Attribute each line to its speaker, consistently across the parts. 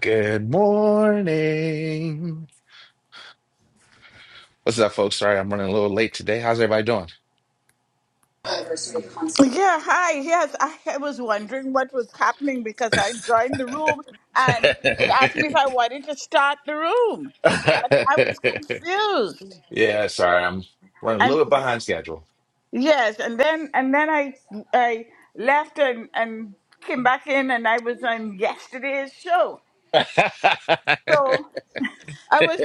Speaker 1: Good morning. What's up, folks? Sorry, I'm running a little late today. How's everybody doing?
Speaker 2: Yeah, hi. Yes, I I was wondering what was happening because I joined the room and it asked me if I wanted to start the room. And I was confused.
Speaker 1: yeah, sorry, I'm running a
Speaker 2: And
Speaker 1: little bit behind schedule.
Speaker 2: yes, and then and then I I left and and came back in and I was on yesterday's show. So I was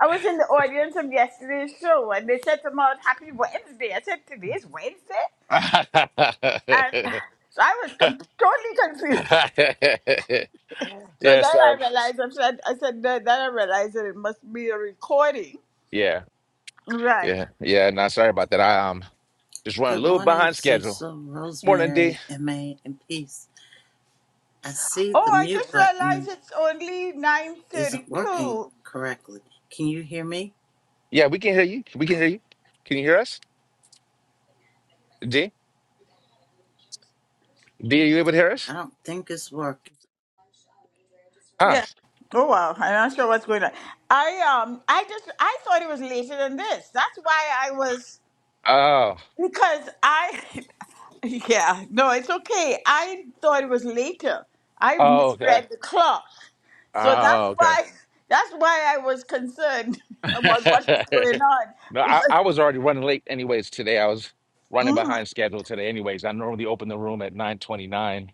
Speaker 2: I was in the audience of yesterday's show and they said something about happy Wednesday. I said today's Wednesday? And so I was com- totally confused. So
Speaker 1: yeah,
Speaker 2: then
Speaker 1: sorry.
Speaker 2: I
Speaker 1: about-
Speaker 2: realized, I said, I said that, then I realized that it must be a recording.
Speaker 1: Yeah,
Speaker 2: Right.
Speaker 1: yeah, yeah. No, sorry about that. I um just running a
Speaker 3: Good
Speaker 1: little
Speaker 3: morning,
Speaker 1: behind schedule.
Speaker 3: Cecil,
Speaker 1: Morning, D.
Speaker 3: Rosemary, and May, and Peace. I see
Speaker 2: Oh,
Speaker 3: the
Speaker 2: I
Speaker 3: mute
Speaker 2: just realized
Speaker 3: button
Speaker 2: it's only
Speaker 3: isn't working
Speaker 2: 9.32.
Speaker 3: correctly. Can you hear me?
Speaker 1: Yeah, we can hear you. We can hear you. Can you hear us, D? D, are you able to hear us?
Speaker 3: I don't think it's working.
Speaker 1: Huh.
Speaker 2: Yeah. Oh, wow. I'm not sure what's going on. I, um, I just, I thought it was later than this. That's why I was,
Speaker 1: Oh.
Speaker 2: because I, yeah, no, it's okay. I thought it was later. I
Speaker 1: Oh, okay.
Speaker 2: misread the clock. So that's
Speaker 1: Oh, okay.
Speaker 2: why, that's why I was concerned about what was going on
Speaker 1: No, I, I
Speaker 2: because,
Speaker 1: was already running late anyways today. I was running behind schedule today anyways. I normally open the room at 9:29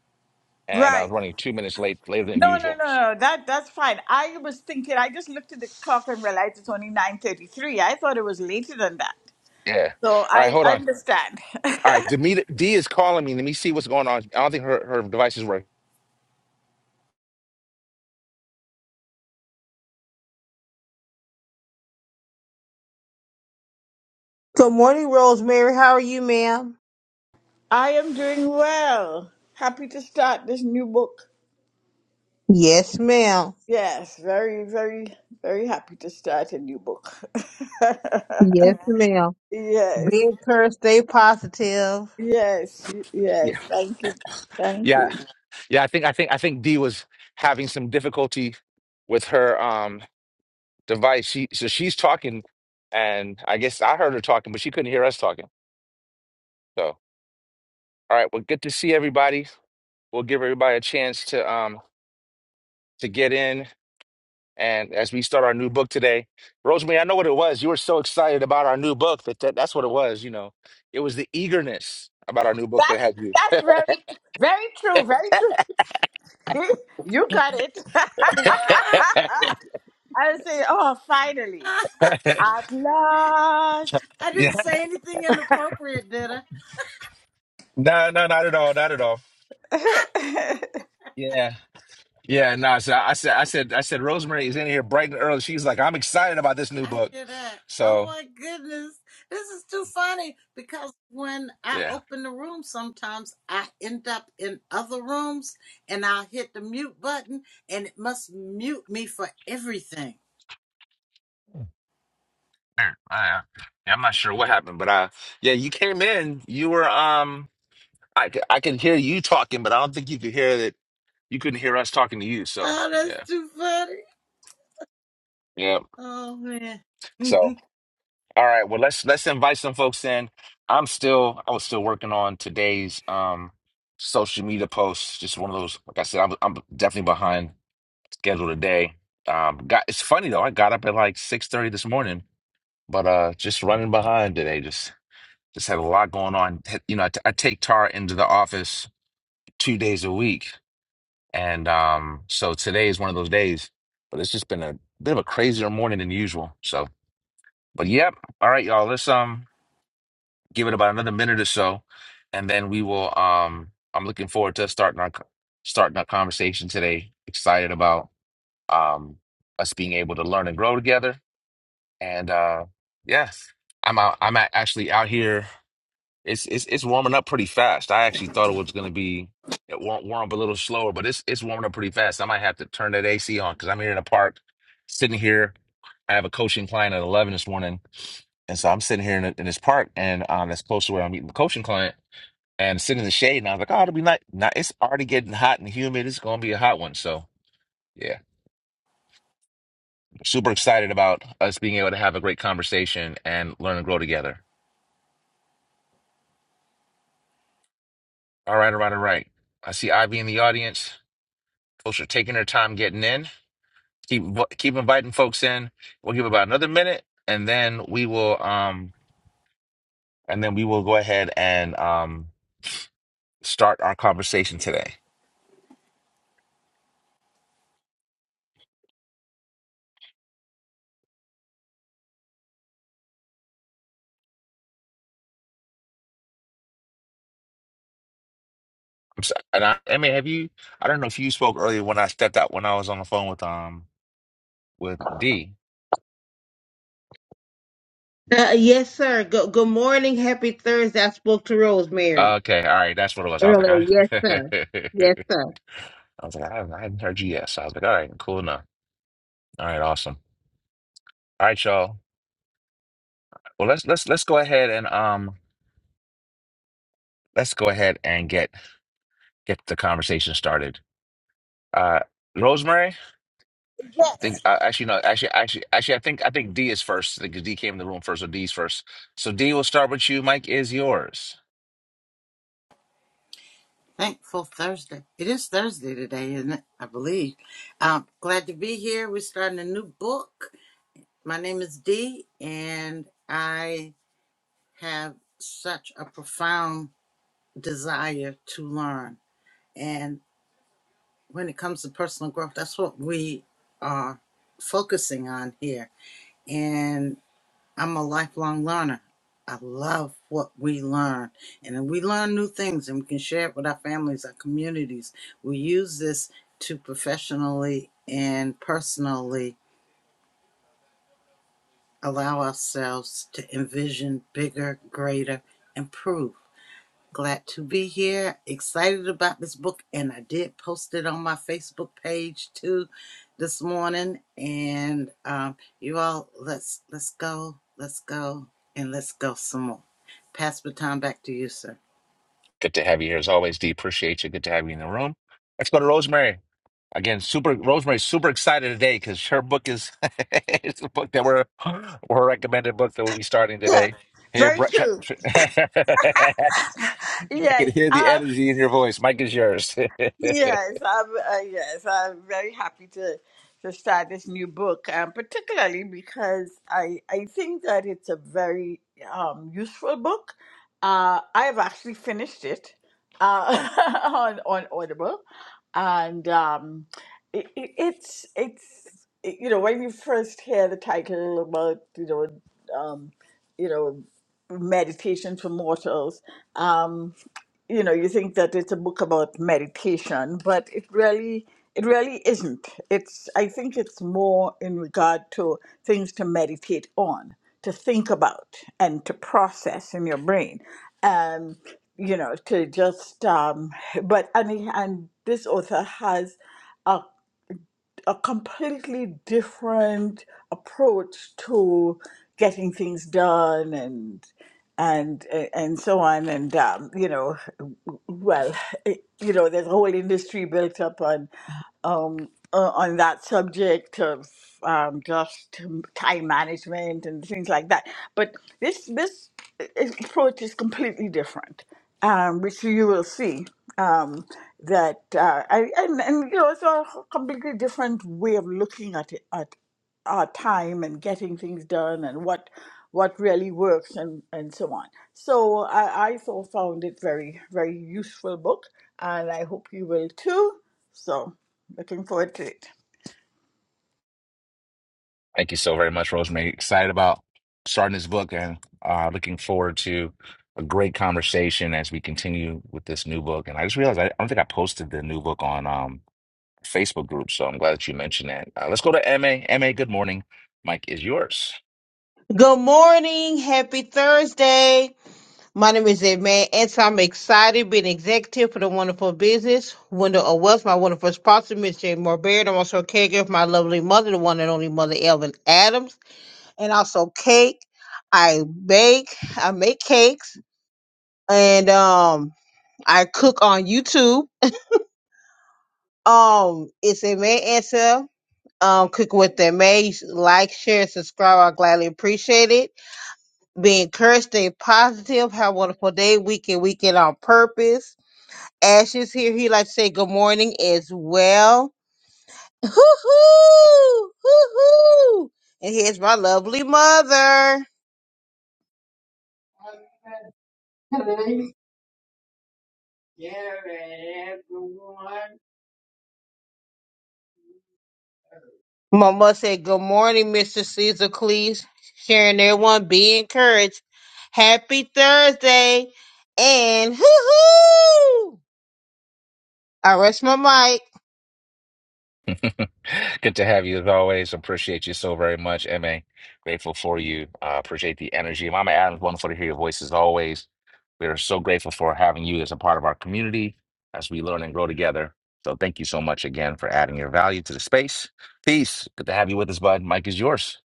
Speaker 1: and I
Speaker 2: Right.
Speaker 1: was running 2 minutes late later than
Speaker 2: No, no,
Speaker 1: usual.
Speaker 2: no, no. That that's fine. I was thinking. I just looked at the clock and realized it's only nine thirty-three. I thought it was later than that.
Speaker 1: Yeah.
Speaker 2: So
Speaker 1: All right,
Speaker 2: I
Speaker 1: hold on.
Speaker 2: understand.
Speaker 1: All right, Demeter D is calling me. Let me see what's going on. I don't think her her device is working.
Speaker 4: Good morning, Rosemary. How are you, ma'am?
Speaker 2: I am doing well. Happy to start this new book.
Speaker 4: Yes, ma'am.
Speaker 2: Yes, very, very, very happy to start a new book.
Speaker 4: Yes, ma'am. Be
Speaker 2: yes,
Speaker 4: encouraged. Stay positive.
Speaker 2: yes, yes.
Speaker 1: Yeah.
Speaker 2: Thank you, thank
Speaker 1: Yeah.
Speaker 2: you.
Speaker 1: Yeah, I think I think I think D was having some difficulty with her um device. She so she's talking and I guess I heard her talking, but she couldn't hear us talking. so. All right. Well, good to see everybody. We'll give everybody a chance to um to get in. And as we start our new book today, Rosemary, I know what it was. You were so excited about our new book that, that that's what it was. You know, it was the eagerness about our new book that
Speaker 2: That's
Speaker 1: had you.
Speaker 2: that's very, very true. Very true. you got it. I say, oh, finally,
Speaker 3: I
Speaker 2: at last.
Speaker 1: yeah.
Speaker 3: didn't say anything inappropriate, did I?
Speaker 1: No, no, not at all. Not at all.
Speaker 2: yes,
Speaker 1: Yeah. Yeah. No. So I said, I said, I said, Rosemary is in here bright and early. She's like, I'm excited about this new
Speaker 3: I
Speaker 1: book.
Speaker 3: hear that. Oh
Speaker 1: So
Speaker 3: my goodness. This is too funny because when I
Speaker 1: yeah.
Speaker 3: open the room, sometimes I end up in other rooms and I'll hit the mute button and it must mute me for everything.
Speaker 1: I, I, I'm not sure what happened, but I, yeah, you came in. You were um. I, c- I can hear you talking, but I don't think you could hear that. You couldn't hear us talking to you. So
Speaker 3: Oh, that's
Speaker 1: yeah,
Speaker 3: too funny.
Speaker 1: yeah.
Speaker 3: Oh man.
Speaker 1: So
Speaker 3: Mhm.
Speaker 1: all right, well let's let's invite some folks in. I'm still I was still working on today's um social media posts. Just one of those. Like I said, I'm I'm definitely behind schedule today. Um, got it's funny though. I got up at like six thirty this morning, but uh, just running behind today. Just just had a lot going on. You know, I, t- I take Tara into the office two days a week And um, so today is one of those days, but it's just been a bit of a crazier morning than usual. So, but yep. All right, y'all. Let's um give it about another minute or so, and then we will. Um, I'm looking forward to starting our starting our conversation today. Excited about um us being able to learn and grow together. And uh, yes, I'm out. I'm a- actually out here. It's it's it's warming up pretty fast. I actually thought it was going to be it warm warm up a little slower, but it's it's warming up pretty fast. I might have to turn that AC on because I'm here in the park, sitting here. I have a coaching client at 11 this morning, and so I'm sitting here in, in this park, and um, that's close to where I'm meeting the coaching client, and sitting in the shade. And I was like, oh, it'll be nice. Now it's already getting hot and humid. It's going to be a hot one. So yeah, super excited about us being able to have a great conversation and learn and grow together. All right, all right, all right. I see Ivy in the audience. Folks are taking their time getting in. Keep keep inviting folks in. We'll give about another minute, and then we will um and then we will go ahead and um start our conversation today. I'm sorry, and I, I mean, have you? I don't know if you spoke earlier when I stepped out when I was on the phone with um with D.
Speaker 4: Uh, yes, sir. Good, good morning. Happy Thursday. I spoke to Rosemary
Speaker 1: Okay, all right, that's what it was. I was like,
Speaker 4: earlier.
Speaker 1: I,
Speaker 4: Yes,
Speaker 1: I
Speaker 4: sir. Yes, sir.
Speaker 1: was like, I, I hadn't heard you yet, so I was like, all right, cool enough. All right, awesome. All right, y'all. Well, let's let's let's go ahead and um let's go ahead and get get the conversation started. Uh, Rosemary, I think uh, actually no, actually, actually, actually, I think I think D is first. I think D came in the room first, so D's first. So D, will start with you. Mike is yours.
Speaker 3: Thankful Thursday. It is Thursday today, isn't it? I believe. Um, glad to be here. We're starting a new book. My name is Dee, and I have such a profound desire to learn. And when it comes to personal growth, that's what we are focusing on here. I'm a lifelong learner. I love what we learn. And then we learn new things and we can share it with our families, our communities. We use this to professionally and personally allow ourselves to envision bigger, greater, improve. Glad to be here. Excited about this book, and I did post it on my Facebook page too this morning. And um, you all, let's let's go, let's go, and let's go some more. Pass the time back to you, sir.
Speaker 1: Good to have you here as always, D. Appreciate you. Good to have you in the room. Let's go to Rosemary again. Super Rosemary's super excited today because her book is it's a book that we're we're recommended book that we'll be starting
Speaker 2: yeah,
Speaker 1: today. Here,
Speaker 2: very
Speaker 1: Brett,
Speaker 2: true.
Speaker 1: I can
Speaker 2: Yes,
Speaker 1: hear the
Speaker 2: um,
Speaker 1: energy in your voice. Mike is yours.
Speaker 2: Yes, I'm, uh, yes, I'm very happy to to start this new book, um, particularly because I I think that it's a very um, useful book. Uh, I have actually finished it uh, on on Audible, and um, it, it, it's it's it- you know when you first hear the title about you know um, you know meditations for mortals. Um, you know you think that it's a book about meditation but it really it really isn't it's i think it's more in regard to things to meditate on to think about and to process in your brain and you know to just um but and, he- and this author has a completely different approach to getting things done and and and so on and um, you know well it, you know there's a whole industry built up on um, uh, on that subject of um, just time management and things like that. But this this uh, approach is completely different, um, which you will see um, that uh, I, and, and you know it's a completely different way of looking at it our time and getting things done and what what really works and and so on. So I, I so found it very very useful book, and I hope you will too. So looking forward to it.
Speaker 1: Thank you so very much, Rosemary. Excited about starting this book and uh, looking forward to a great conversation as we continue with this new book. And I just realized I, I don't think I posted the new book on um, Facebook group, so I'm glad that you mentioned that. Uh, let's go to M A. M A. good morning. Mike is yours.
Speaker 4: Good morning. Happy Thursday. My name is Edman Ants. I'm excited being executive for the wonderful business, Window of Wealth, my wonderful sponsor, Miss Jane Morbeard. I'm also a caregiver for my lovely mother, the one and only mother, Elvin Adams. and also cake. I bake, I make cakes, and um, I cook on YouTube. Um, it's a May answer. Um, cook with the May. Like, share, subscribe. I gladly appreciate it. Be encouraged, stay positive. Have a wonderful day, weekend, weekend on purpose. Ash is here. He likes to say good morning as well. Hoo hoo, hoo hoo. And here's my lovely mother. Mama said, Good morning, Mr. Caesar Cleese. Sharing everyone, be encouraged. Happy Thursday. And hoo-hoo! I rest my mic.
Speaker 1: Good to have you as always. Appreciate you so very much, Emma. Grateful for you. Uh, appreciate the energy. Mama Adams, wonderful to hear your voice as always. We are so grateful for having you as a part of our community as we learn and grow together. So thank you so much again for adding your value to the space. Peace. Good to have you with us, bud. Mike is yours.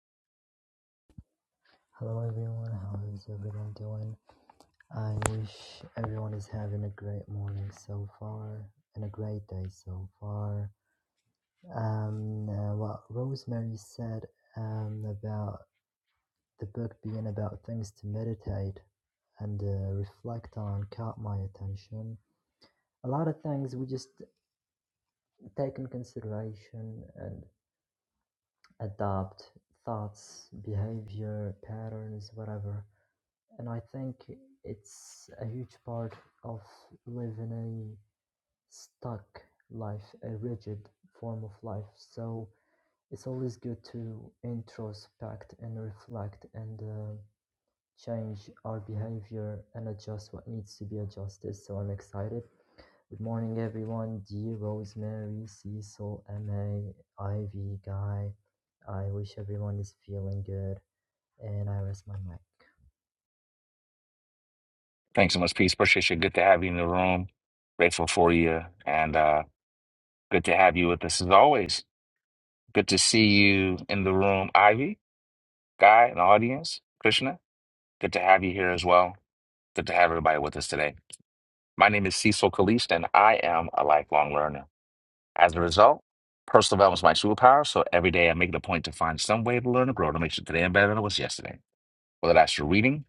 Speaker 5: Hello everyone, how is everyone doing? I wish everyone is having a great morning so far and a great day so far. Um, uh, what Rosemary said um, about the book being about things to meditate and uh, reflect on caught my attention. A lot of things we just take in consideration and adopt thoughts, behavior, patterns, whatever and I think it's a huge part of living a stuck life, a rigid form of life. So it's always good to introspect and reflect and uh, change our behavior and adjust what needs to be adjusted. So I'm excited. Good morning, everyone. Dear Rosemary, Cecil, MA, Ivy, Guy. I wish everyone is feeling good and I rest my mic.
Speaker 1: Thanks so much, Peace. Appreciate you. Good to have you in the room. Grateful for you. And uh, good to have you with us as always. Good to see you in the room, Ivy, Guy, and audience, Krishna. Good to have you here as well. Good to have everybody with us today. My name is Cecil Kalist, and I am a lifelong learner. As a result, personal development is my superpower. So every day I make it a point to find some way to learn and grow to make sure today I'm better than I was yesterday. Whether that's through reading,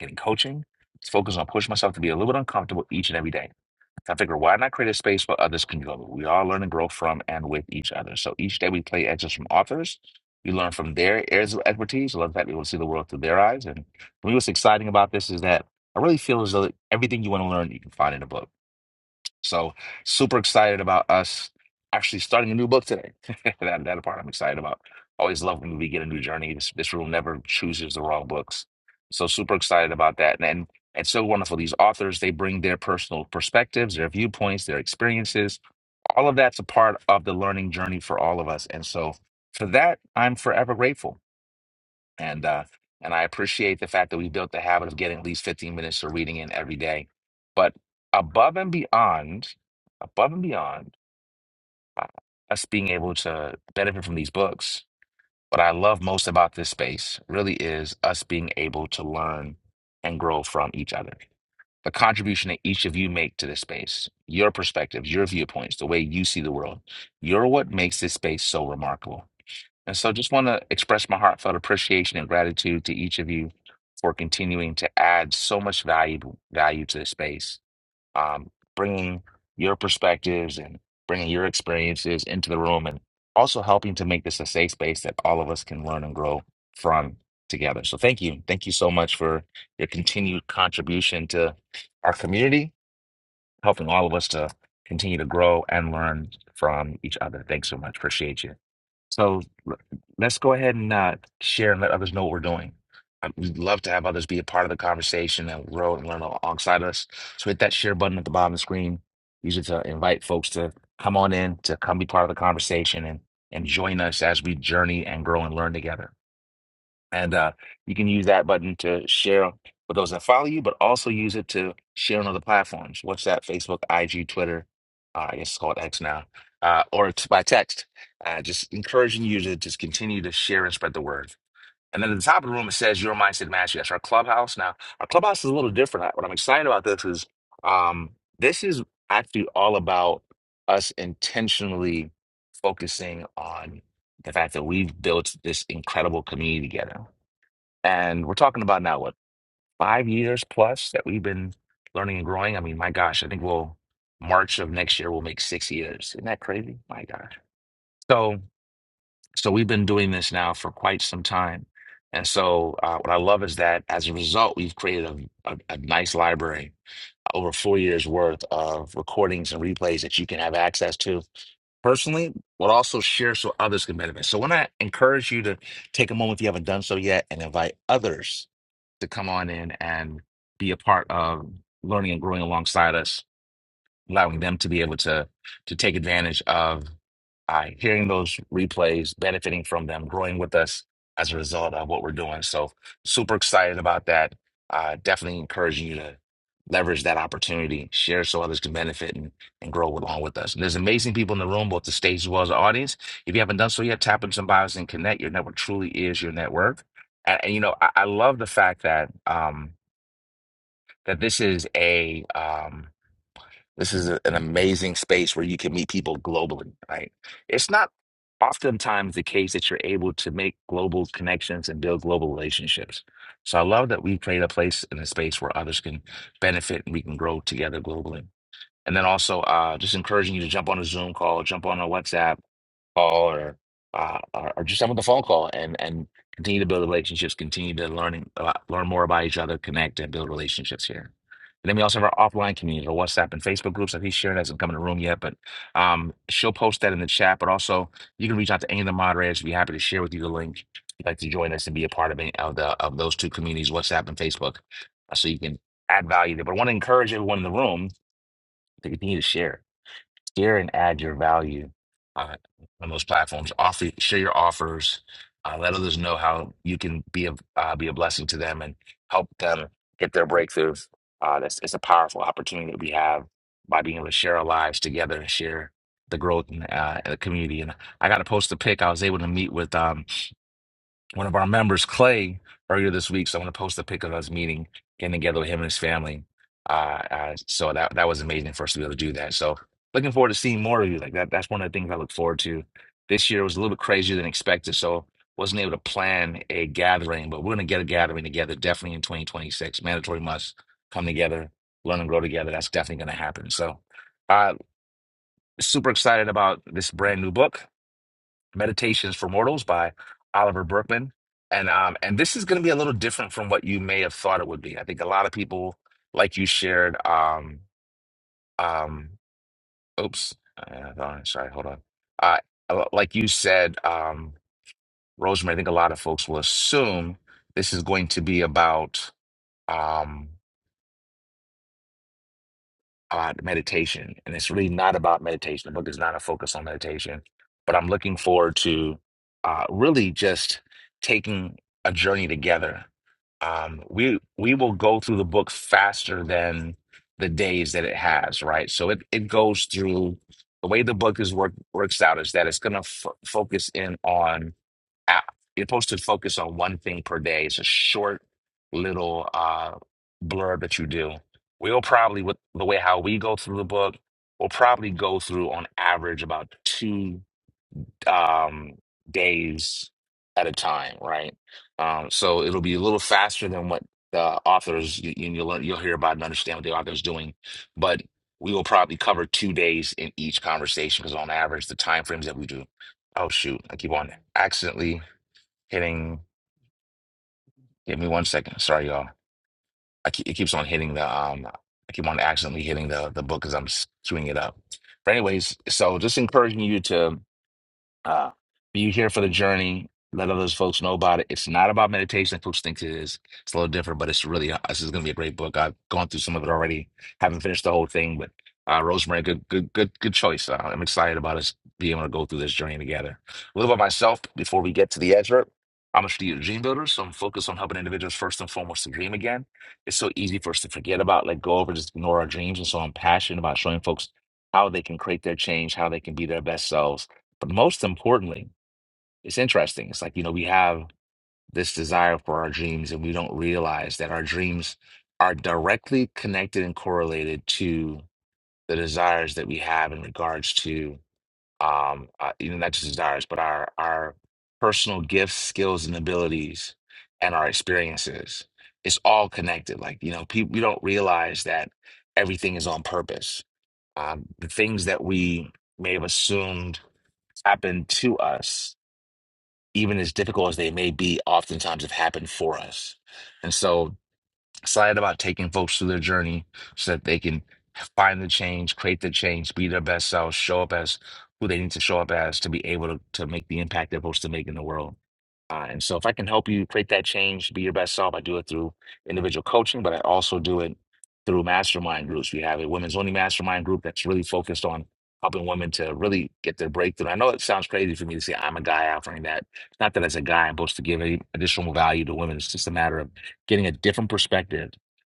Speaker 1: getting coaching, just focus on pushing myself to be a little bit uncomfortable each and every day. I figure why not create a space where others can grow? We all learn and grow from and with each other. So each day we play excerpts from authors. We learn from their areas of expertise. I love that we will see the world through their eyes. And for me, what's exciting about this is that I really feel as though everything you want to learn, you can find in a book. So super excited about us actually starting a new book today. that that part I'm excited about. Always love when we begin a new journey. This this room never chooses the wrong books. So super excited about that. And and it's so wonderful. These authors, they bring their personal perspectives, their viewpoints, their experiences. All of that's a part of the learning journey for all of us. And so for that, I'm forever grateful. And uh, and I appreciate the fact that we built the habit of getting at least 15 minutes of reading in every day. But above and beyond, above and beyond uh, us being able to benefit from these books, what I love most about this space really is us being able to learn and grow from each other. The contribution that each of you make to this space, your perspectives, your viewpoints, the way you see the world, you're what makes this space so remarkable. And so just want to express my heartfelt appreciation and gratitude to each of you for continuing to add so much valuable value to this space, um, bringing your perspectives and bringing your experiences into the room and also helping to make this a safe space that all of us can learn and grow from together. So thank you. Thank you so much for your continued contribution to our community, helping all of us to continue to grow and learn from each other. Thanks so much. Appreciate you. So l- let's go ahead and uh, share and let others know what we're doing. Um, We'd love to have others be a part of the conversation and grow and learn alongside us. So hit that share button at the bottom of the screen. Use it to invite folks to come on in, to come be part of the conversation and, and join us as we journey and grow and learn together. And uh, you can use that button to share with those that follow you, but also use it to share on other platforms. What's that? Facebook, IG, Twitter. Uh, I guess it's called X now, uh, or t- by text. Uh, just encouraging you to just continue to share and spread the word. And then at the top of the room, it says Your Mindset Mastery. That's our clubhouse. Now, our clubhouse is a little different. I- What I'm excited about this is um, this is actually all about us intentionally focusing on the fact that we've built this incredible community together. And we're talking about now, what, five years plus that we've been learning and growing? I mean, my gosh, I think we'll, March of next year, we'll make six years. Isn't that crazy? My gosh. So, so we've been doing this now for quite some time. And so, uh, what I love is that as a result, we've created a, a, a nice library, over four years worth of recordings and replays that you can have access to personally, but also share so others can benefit. So, when I encourage you to take a moment if you haven't done so yet and invite others to come on in and be a part of learning and growing alongside us allowing them to be able to to take advantage of uh, hearing those replays, benefiting from them, growing with us as a result of what we're doing. So super excited about that. Uh, definitely encouraging you to leverage that opportunity, share so others can benefit and, and grow along with us. And there's amazing people in the room, both the stage as well as the audience. If you haven't done so yet, tap into some bios and connect. Your network truly is your network. And, and you know, I, I love the fact that um, that this is a um, this is a- an amazing space where you can meet people globally, right? It's not oftentimes the case that you're able to make global connections and build global relationships. So I love that we create a place and a space where others can benefit and we can grow together globally. And then also uh, just encouraging you to jump on a Zoom call, jump on a WhatsApp, call or, uh, or or just having the phone call and and continue to build relationships, continue to learning about- learn more about each other, connect and build relationships here. And then we also have our offline community, our WhatsApp and Facebook groups. I think Sharon hasn't come in the room yet, but um, she'll post that in the chat. But also, you can reach out to any of the moderators. We'd be happy to share with you the link. If you'd like to join us and be a part of any of the of those two communities, WhatsApp and Facebook, uh, so you can add value there. But I want to encourage everyone in the room to continue to share share and add your value uh, on those platforms. Offer, share your offers. Uh, let others know how you can be a uh, be a blessing to them and help them get their breakthroughs. Uh, that's it's a powerful opportunity that we have by being able to share our lives together and share the growth in, uh, in the community. And I got to post a pic. I was able to meet with. um, one of our members, Clay, earlier this week, so I'm going to post a pic of us meeting, getting together with him and his family. Uh, uh, so that that was amazing for us to be able to do that. So looking forward to seeing more of you. Like that, that's one of the things I look forward to. This year was a little bit crazier than expected, so wasn't able to plan a gathering, but we're going to get a gathering together definitely in 2026. Mandatory must come together, learn and grow together. That's definitely going to happen. So uh, super excited about this brand new book. Meditations for Mortals by Oliver Berkman. And um, and this is going to be a little different from what you may have thought it would be. I think a lot of people, like you shared, um, um, oops, uh, hold on, sorry, hold on. Uh, like you said, um, Rosemary, I think a lot of folks will assume this is going to be about. Um, about meditation, and it's really not about meditation. The book is not a focus on meditation, but I'm looking forward to uh, really just taking a journey together. Um, we we will go through the book faster than the days that it has, right? So it it goes through the way the book is work works out is that it's going to f focus in on app. You're supposed to focus on one thing per day. It's a short little uh, blurb that you do. We'll probably, with the way how we go through the book, we'll probably go through on average about two um, days at a time, right? Um, so it'll be a little faster than what the authors you, you- you'll learn, you'll hear about and understand what the author's doing, but we will probably cover two days in each conversation because on average the time frames that we do. Oh shoot! I keep on accidentally hitting. Give me one second. Sorry, y'all. I keep, it keeps on hitting the um. I keep on accidentally hitting the the book as I'm s- queuing it up. But anyways, so just encouraging you to. Uh, be here for the journey. Let others folks know about it. It's not about meditation. Folks think it is. It's a little different, but it's really uh, this is going to be a great book. I've gone through some of it already. Haven't finished the whole thing, but uh, Rosemary, good, good, good, good choice. Uh, I'm excited about us being able to go through this journey together. A little about myself before we get to the excerpt. I'm a strategic dream builder, so I'm focused on helping individuals first and foremost to dream again. It's so easy for us to forget about, let go of, or just ignore our dreams, and so I'm passionate about showing folks how they can create their change, how they can be their best selves but most importantly, it's interesting. It's like, you know, we have this desire for our dreams, and we don't realize that our dreams are directly connected and correlated to the desires that we have in regards to, um, uh, you know, not just desires, but our our personal gifts, skills, and abilities, and our experiences. It's all connected. Like, you know, people we don't realize that everything is on purpose. Um, the things that we may have assumed happened to us even as difficult as they may be, oftentimes have happened for us. And so excited about taking folks through their journey so that they can find the change, create the change, be their best selves, show up as who they need to show up as to be able to, to make the impact they're supposed to make in the world. Uh, and so if I can help you create that change, be your best self, I do it through individual coaching, but I also do it through mastermind groups. We have a women's only mastermind group that's really focused on helping women to really get their breakthrough. I know it sounds crazy for me to say I'm a guy offering that. Not that as a guy I'm supposed to give any additional value to women. It's just a matter of getting a different perspective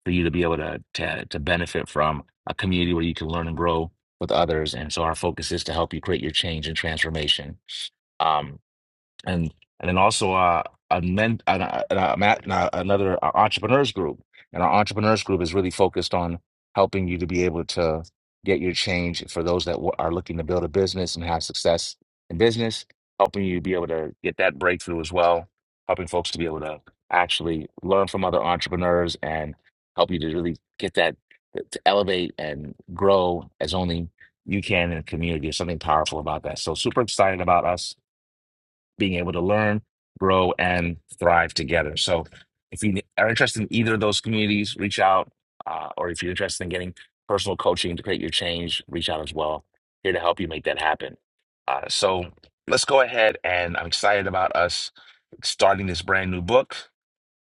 Speaker 1: for you to be able to to, to benefit from a community where you can learn and grow with others. And so our focus is to help you create your change and transformation. Um, and and then also uh a men and, I- and I'm uh, another uh, entrepreneurs group, and our entrepreneurs group is really focused on helping you to be able to get your change for those that w- are looking to build a business and have success in business, helping you be able to get that breakthrough as well, helping folks to be able to actually learn from other entrepreneurs and help you to really get that to elevate and grow as only you can in a community. There's something powerful about that. So super excited about us being able to learn, grow, and thrive together. So if you are interested in either of those communities, reach out. Uh, or if you're interested in getting personal coaching to create your change, reach out as well. Here to help you make that happen. Uh, so let's go ahead and I'm excited about us starting this brand new book.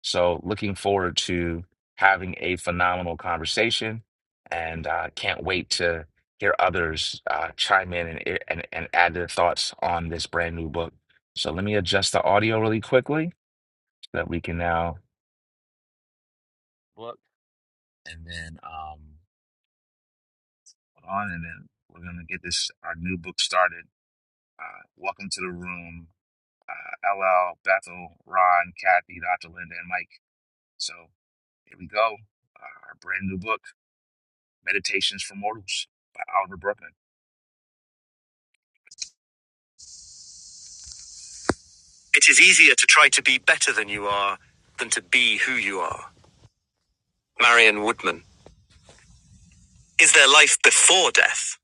Speaker 1: So looking forward to having a phenomenal conversation and uh, can't wait to hear others uh, chime in and, and, and add their thoughts on this brand new book. So let me adjust the audio really quickly so that we can now look and then um hold on and then we're gonna get this our new book started. Uh, welcome to the room, uh, LL, Bethel, Ron, Kathy, Dr. Linda, and Mike. So here we go. Uh, our brand new book, Meditations for Mortals by Oliver Brookman. It is easier to try to be better than you are than to be who you are. Marion Woodman. Is there life before death?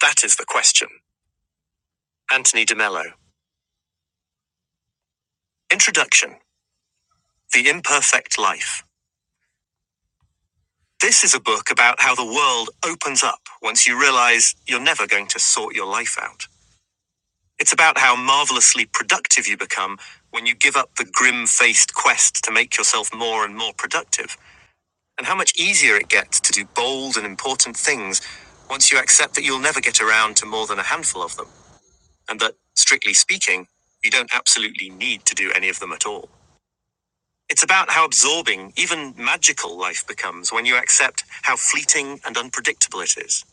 Speaker 1: That is the question. Anthony DeMello. Introduction. The Imperfect Life. This is a book about how the world opens up once you realize you're never going to sort your life out. It's about how marvelously productive you become when you give up the grim faced quest to make yourself more and more productive, and how much easier it gets to do bold and important things once you accept that you'll never get around to more than a handful of them, and that, strictly speaking, you don't absolutely need to do any of them at all. It's about how absorbing, even magical, life becomes when you accept how fleeting and unpredictable it is,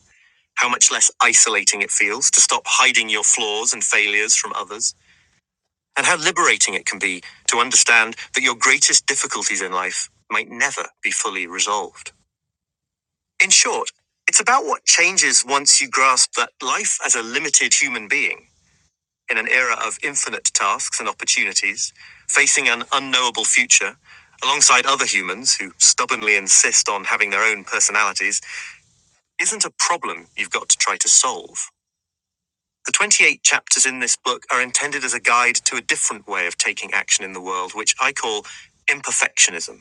Speaker 1: how much less isolating it feels to stop hiding your flaws and failures from others, and how liberating it can be to understand that your greatest difficulties in life might never be fully resolved. In short, it's about what changes once you grasp that life as a limited human being in an era of infinite tasks and opportunities, facing an unknowable future, alongside other humans who stubbornly insist on having their own personalities, isn't a problem you've got to try to solve. The 28 chapters in this book are intended as a guide to a different way of taking action in the world, which I call imperfectionism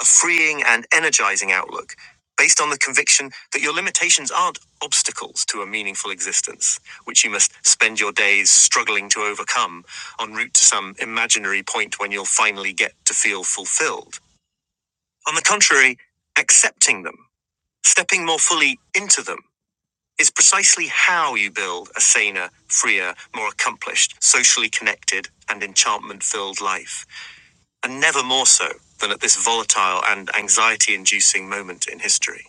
Speaker 1: a freeing and energizing outlook based on the conviction that your limitations aren't obstacles to a meaningful existence, which you must spend your days struggling to overcome en route to some imaginary point when you'll finally get to feel fulfilled. On the contrary, accepting them, stepping more fully into them, is precisely how you build a saner, freer, more accomplished, socially connected, and enchantment filled life and never more so than at this volatile and anxiety inducing moment in history.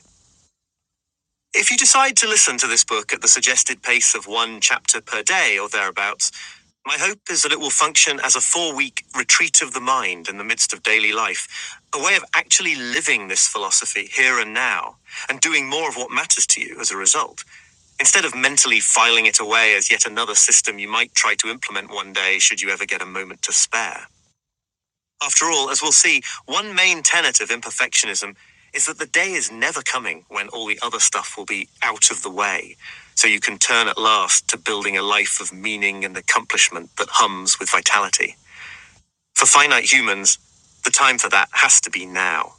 Speaker 1: If you decide to listen to this book at the suggested pace of one chapter per day or thereabouts, my hope is that it will function as a four week retreat of the mind in the midst of daily life, a way of actually living this philosophy here and now, and doing more of what matters to you as a result, instead of mentally filing it away as yet another system you might try to implement one day should you ever get a moment to spare. After all, as we'll see, one main tenet of imperfectionism is that the day is never coming when all the other stuff will be out of the way, so you can turn at last to building a life of meaning and accomplishment that hums with vitality. For finite humans, the time for that has to be now.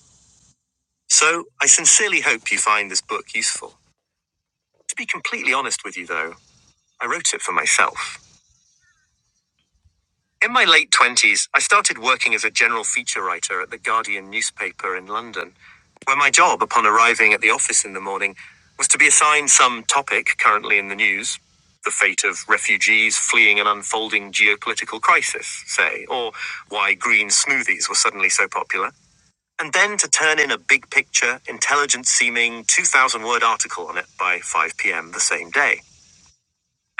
Speaker 1: So, I sincerely hope you find this book useful. To be completely honest with you, though, I wrote it for myself. In my late 20s, I started working as a general feature writer at the Guardian newspaper in London, where my job, upon arriving at the office in the morning, was to be assigned some topic currently in the news the fate of refugees fleeing an unfolding geopolitical crisis, say, or why green smoothies were suddenly so popular, and then to turn in a big picture, intelligent seeming 2,000 word article on it by 5 pm the same day.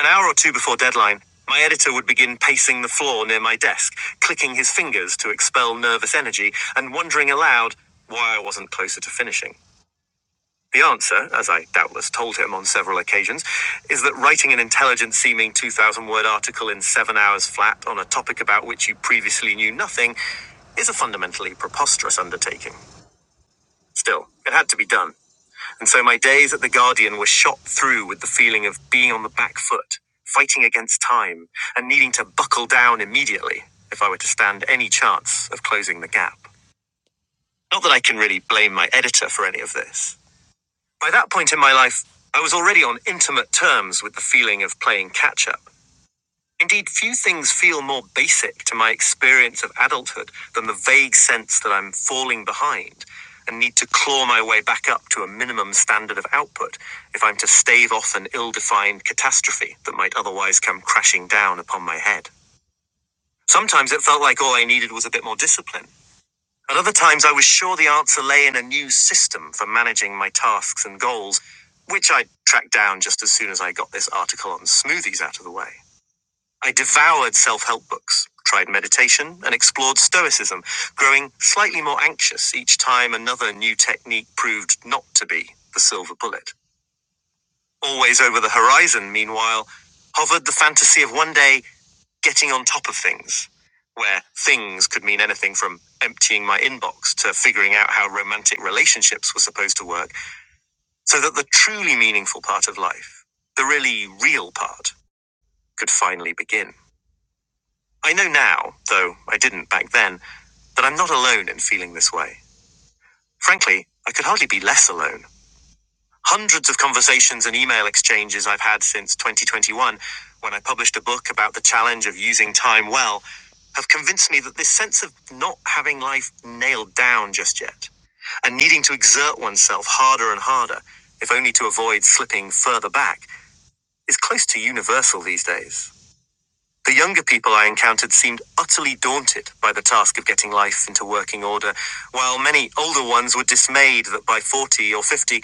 Speaker 1: An hour or two before deadline, my editor would begin pacing the floor near my desk, clicking his fingers to expel nervous energy, and wondering aloud why I wasn't closer to finishing. The answer, as I doubtless told him on several occasions, is that writing an intelligent seeming 2,000 word article in seven hours flat on a topic about which you previously knew nothing is a fundamentally preposterous undertaking. Still, it had to be done, and so my days at The Guardian were shot through with the feeling of being on the back foot, fighting against time, and needing to buckle down immediately if I were to stand any chance of closing the gap. Not that I can really blame my editor for any of this. By that point in my life, I was already on intimate terms with the feeling of playing catch up. Indeed, few things feel more basic to my experience of adulthood than the vague sense that I'm falling behind and need to claw my way back up to a minimum standard of output if I'm to stave off an ill defined catastrophe that might otherwise come crashing down upon my head. Sometimes it felt like all I needed was a bit more discipline. At other times, I was sure the answer lay in a new system for managing my tasks and goals, which I tracked down just as soon as I got this article on smoothies out of the way. I devoured self help books, tried meditation, and explored Stoicism, growing slightly more anxious each time another new technique proved not to be the silver bullet. Always over the horizon, meanwhile, hovered the fantasy of one day getting on top of things, where things could mean anything from emptying my inbox to figuring out how romantic relationships were supposed to work, so that the truly meaningful part of life, the really real part, could finally begin. I know now, though I didn't back then, that I'm not alone in feeling this way. Frankly, I could hardly be less alone. Hundreds of conversations and email exchanges I've had since 2021, when I published a book about the challenge of using time well, have convinced me that this sense of not having life nailed down just yet, and needing to exert oneself harder and harder, if only to avoid slipping further back, is close to universal these days. The younger people I encountered seemed utterly daunted by the task of getting life into working order, while many older ones were dismayed that by 40 or 50,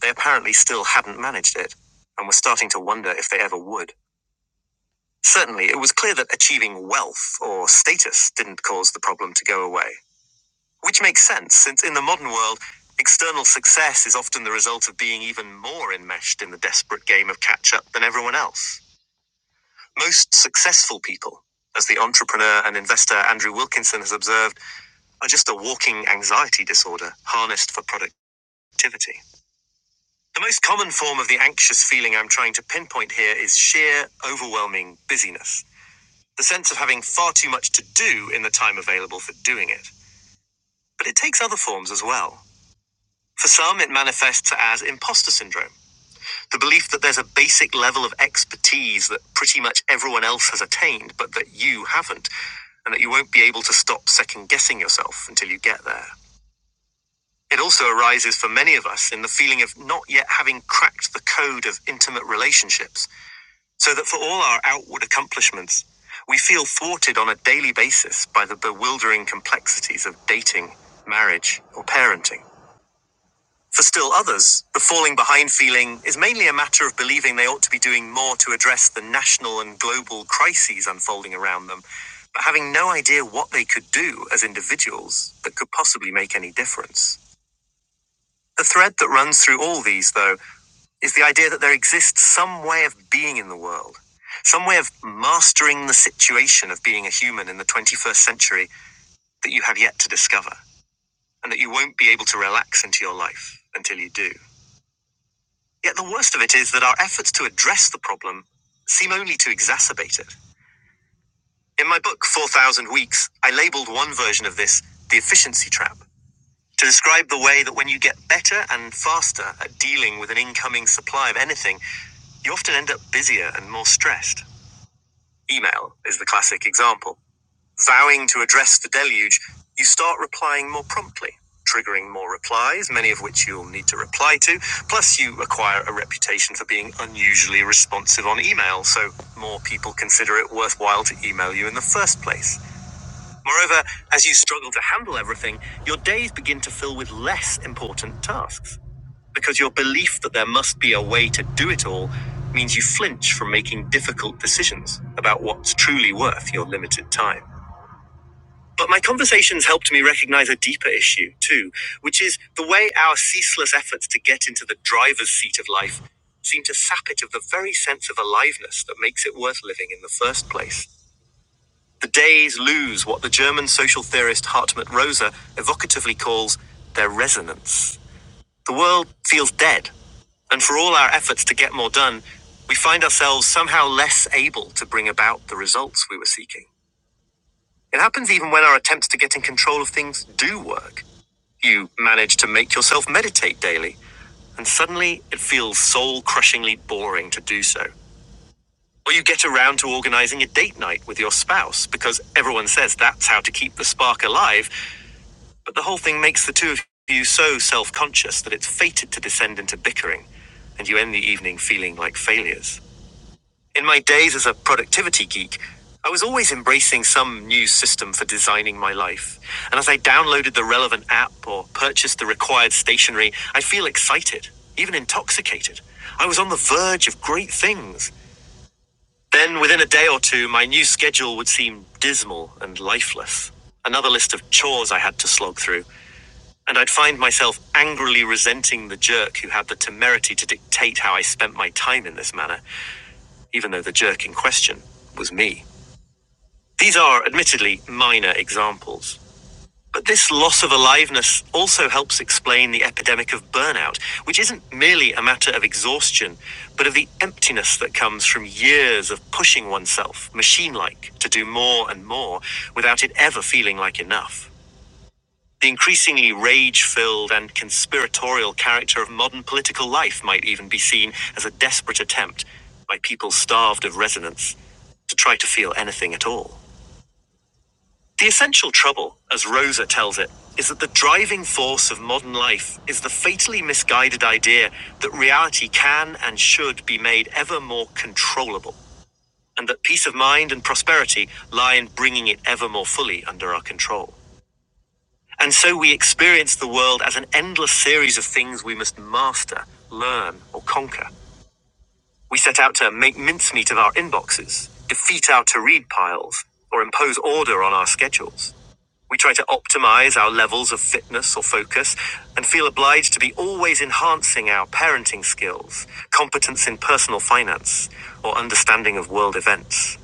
Speaker 1: they apparently still hadn't managed it, and were starting to wonder if they ever would. Certainly, it was clear that achieving wealth or status didn't cause the problem to go away, which makes sense since in the modern world, external success is often the result of being even more enmeshed in the desperate game of catch up than everyone else. Most successful people, as the entrepreneur and investor Andrew Wilkinson has observed, are just a walking anxiety disorder harnessed for productivity. The most common form of the anxious feeling I'm trying to pinpoint here is sheer, overwhelming busyness, the sense of having far too much to do in the time available for doing it. But it takes other forms as well. For some, it manifests as imposter syndrome, the belief that there's a basic level of expertise that pretty much everyone else has attained, but that you haven't. and that you won't be able to stop second guessing yourself until you get there. It also arises for many of us in the feeling of not yet having cracked the code of intimate relationships, so that for all our outward accomplishments, we feel thwarted on a daily basis by the bewildering complexities of dating, marriage, or parenting. For still others, the falling behind feeling is mainly a matter of believing they ought to be doing more to address the national and global crises unfolding around them, but having no idea what they could do as individuals that could possibly make any difference. The thread that runs through all these, though, is the idea that there exists some way of being in the world, some way of mastering the situation of being a human in the 21st century that you have yet to discover, and that you won't be able to relax into your life until you do. Yet the worst of it is that our efforts to address the problem seem only to exacerbate it. In my book, 4,000 Weeks, I labeled one version of this the efficiency trap to describe the way that when you get better and faster at dealing with an incoming supply of anything, you often end up busier and more stressed. Email is the classic example. Vowing to address the deluge, you start replying more promptly, triggering more replies, many of which you'll need to reply to. Plus, you acquire a reputation for being unusually responsive on email, so more people consider it worthwhile to email you in the first place. Moreover, as you struggle to handle everything, your days begin to fill with less important tasks, because your belief that there must be a way to do it all means you flinch from making difficult decisions about what's truly worth your limited time. But my conversations helped me recognize a deeper issue, too, which is the way our ceaseless efforts to get into the driver's seat of life seem to sap it of the very sense of aliveness that makes it worth living in the first place. The days lose what the German social theorist Hartmut Rosa evocatively calls their resonance. The world feels dead, and for all our efforts to get more done, we find ourselves somehow less able to bring about the results we were seeking. It happens even when our attempts to get in control of things do work. You manage to make yourself meditate daily, and suddenly it feels soul crushingly boring to do so. Or you get around to organizing a date night with your spouse because everyone says that's how to keep the spark alive, but the whole thing makes the two of you so self conscious that it's fated to descend into bickering, and you end the evening feeling like failures. In my days as a productivity geek, I was always embracing some new system for designing my life. And as I downloaded the relevant app or purchased the required stationery, I'd feel excited, even intoxicated. I was on the verge of great things. Then, within a day or two, my new schedule would seem dismal and lifeless. Another list of chores I had to slog through, and I'd find myself angrily resenting the jerk who had the temerity to dictate how I spent my time in this manner, even though the jerk in question was me. These are admittedly minor examples. But this loss of aliveness also helps explain the epidemic of burnout, which isn't merely a matter of exhaustion, but of the emptiness that comes from years of pushing oneself, machine like, to do more and more without it ever feeling like enough. The increasingly rage filled and conspiratorial character of modern political life might even be seen as a desperate attempt by people starved of resonance to try to feel anything at all. The essential trouble, as Rosa tells it, is that the driving force of modern life is the fatally misguided idea that reality can and should be made ever more controllable, and that peace of mind and prosperity lie in bringing it ever more fully under our control. And so we experience the world as an endless series of things we must master, learn, or conquer. We set out to make mincemeat of our inboxes, defeat our to read piles, or impose order on our schedules. We try to optimize our levels of fitness or focus and feel obliged to be always enhancing our parenting skills, competence in personal finance, or understanding of world events.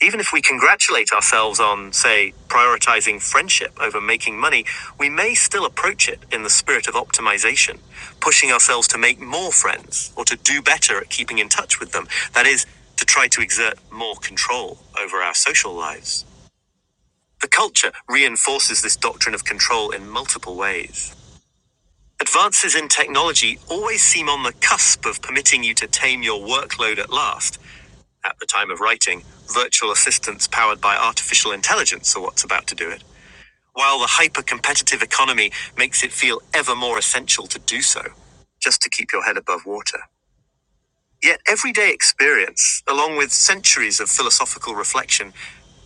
Speaker 1: Even if we congratulate ourselves on, say, prioritizing friendship over making money, we may still approach it in the spirit of optimization, pushing ourselves to make more friends or to do better at keeping in touch with them. That is, to try to exert more control over our social lives. The culture reinforces this doctrine of control in multiple ways. Advances in technology always seem on the cusp of permitting you to tame your workload at last. At the time of writing, virtual assistants powered by artificial intelligence are what's about to do it, while the hyper competitive economy makes it feel ever more essential to do so, just to keep your head above water. Yet everyday experience, along with centuries of philosophical reflection,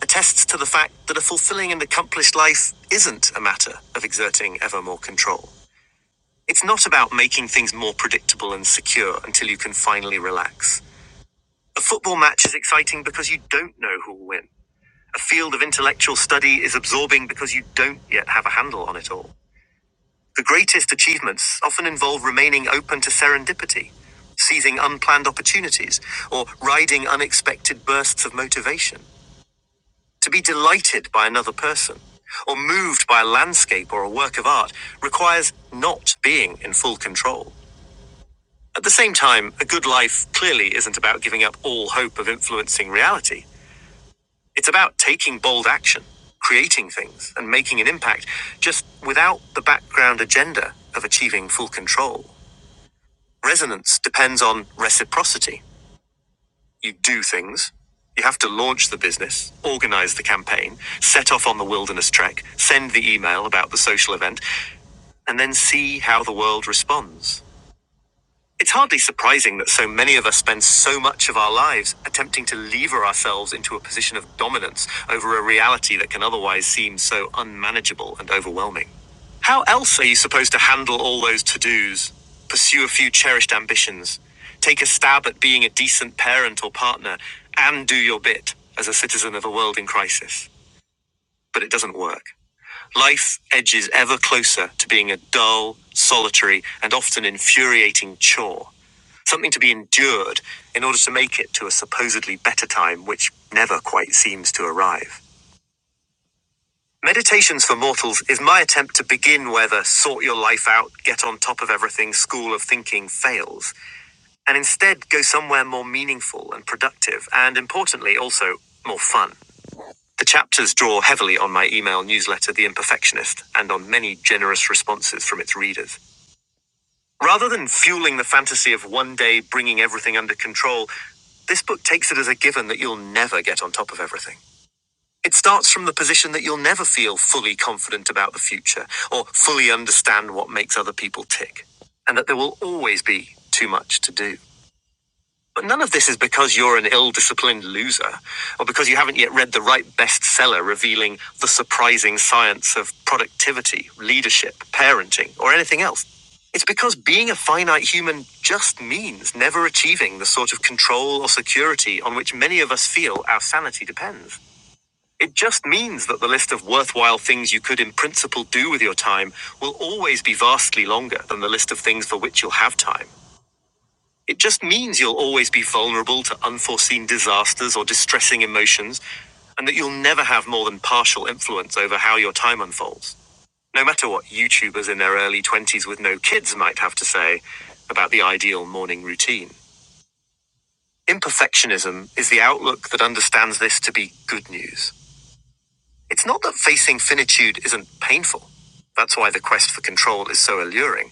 Speaker 1: attests to the fact that a fulfilling and accomplished life isn't a matter of exerting ever more control. It's not about making things more predictable and secure until you can finally relax. A football match is exciting because you don't know who'll win. A field of intellectual study is absorbing because you don't yet have a handle on it all. The greatest achievements often involve remaining open to serendipity, seizing unplanned opportunities, or riding unexpected bursts of motivation. To be delighted by another person, or moved by a landscape or a work of art, requires not being in full control. At the same time, a good life clearly isn't about giving up all hope of influencing reality. It's about taking bold action, creating things, and making an impact, just without the background agenda of achieving full control. Resonance depends on reciprocity. You do things. You have to launch the business, organize the campaign, set off on the wilderness trek, send the email about the social event, and then see how the world responds. It's hardly surprising that so many of us spend so much of our lives attempting to lever ourselves into a position of dominance over a reality that can otherwise seem so unmanageable and overwhelming. How else are you supposed to handle all those to dos, pursue a few cherished ambitions, take a stab at being a decent parent or partner, and do your bit as a citizen of a world in crisis? But it doesn't work. Life edges ever closer to being a dull, solitary, and often infuriating chore, something to be endured in order to make it to a supposedly better time which never quite seems to arrive. Meditations for Mortals is my attempt to begin where the sort your life out, get on top of everything school of thinking fails, and instead go somewhere more meaningful and productive, and importantly, also more fun. The chapters draw heavily on my email newsletter, The Imperfectionist, and on many generous responses from its readers. Rather than fueling the fantasy of one day bringing everything under control, this book takes it as a given that you'll never get on top of everything. It starts from the position that you'll never feel fully confident about the future or fully understand what makes other people tick, and that there will always be too much to do. But none of this is because you're an ill disciplined loser, or because you haven't yet read the right bestseller revealing the surprising science of productivity, leadership, parenting, or anything else. It's because being a finite human just means never achieving the sort of control or security on which many of us feel our sanity depends. It just means that the list of worthwhile things you could in principle do with your time will always be vastly longer than the list of things for which you'll have time. It just means you'll always be vulnerable to unforeseen disasters or distressing emotions, and that you'll never have more than partial influence over how your time unfolds. No matter what YouTubers in their early 20s with no kids might have to say about the ideal morning routine. Imperfectionism is the outlook that understands this to be good news. It's not that facing finitude isn't painful. That's why the quest for control is so alluring.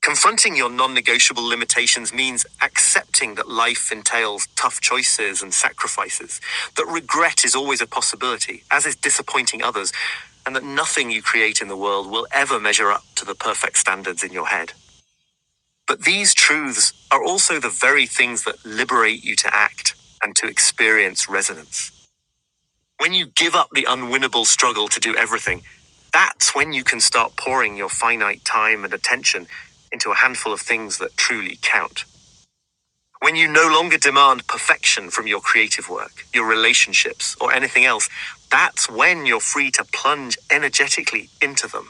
Speaker 1: Confronting your non negotiable limitations means accepting that life entails tough choices and sacrifices, that regret is always a possibility, as is disappointing others, and that nothing you create in the world will ever measure up to the perfect standards in your head. But these truths are also the very things that liberate you to act and to experience resonance. When you give up the unwinnable struggle to do everything, that's when you can start pouring your finite time and attention into a handful of things that truly count. When you no longer demand perfection from your creative work, your relationships, or anything else, that's when you're free to plunge energetically into them.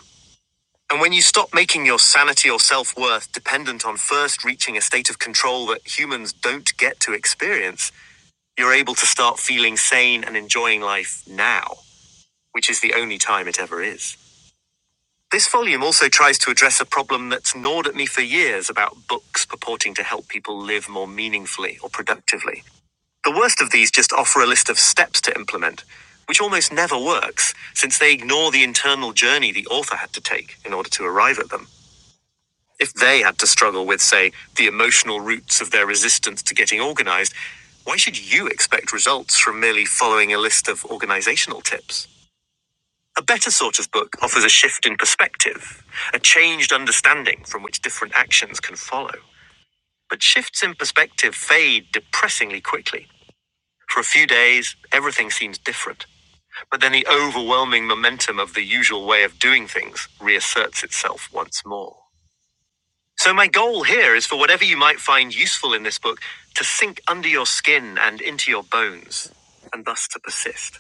Speaker 1: And when you stop making your sanity or self worth dependent on first reaching a state of control that humans don't get to experience, you're able to start feeling sane and enjoying life now which is the only time it ever is. This volume also tries to address a problem that's gnawed at me for years about books purporting to help people live more meaningfully or productively. The worst of these just offer a list of steps to implement, which almost never works, since they ignore the internal journey the author had to take in order to arrive at them. If they had to struggle with, say, the emotional roots of their resistance to getting organized, why should you expect results from merely following a list of organizational tips? A better sort of book offers a shift in perspective, a changed understanding from which different actions can follow. But shifts in perspective fade depressingly quickly. For a few days, everything seems different, but then the overwhelming momentum of the usual way of doing things reasserts itself once more. So, my goal here is for whatever you might find useful in this book to sink under your skin and into your bones, and thus to persist.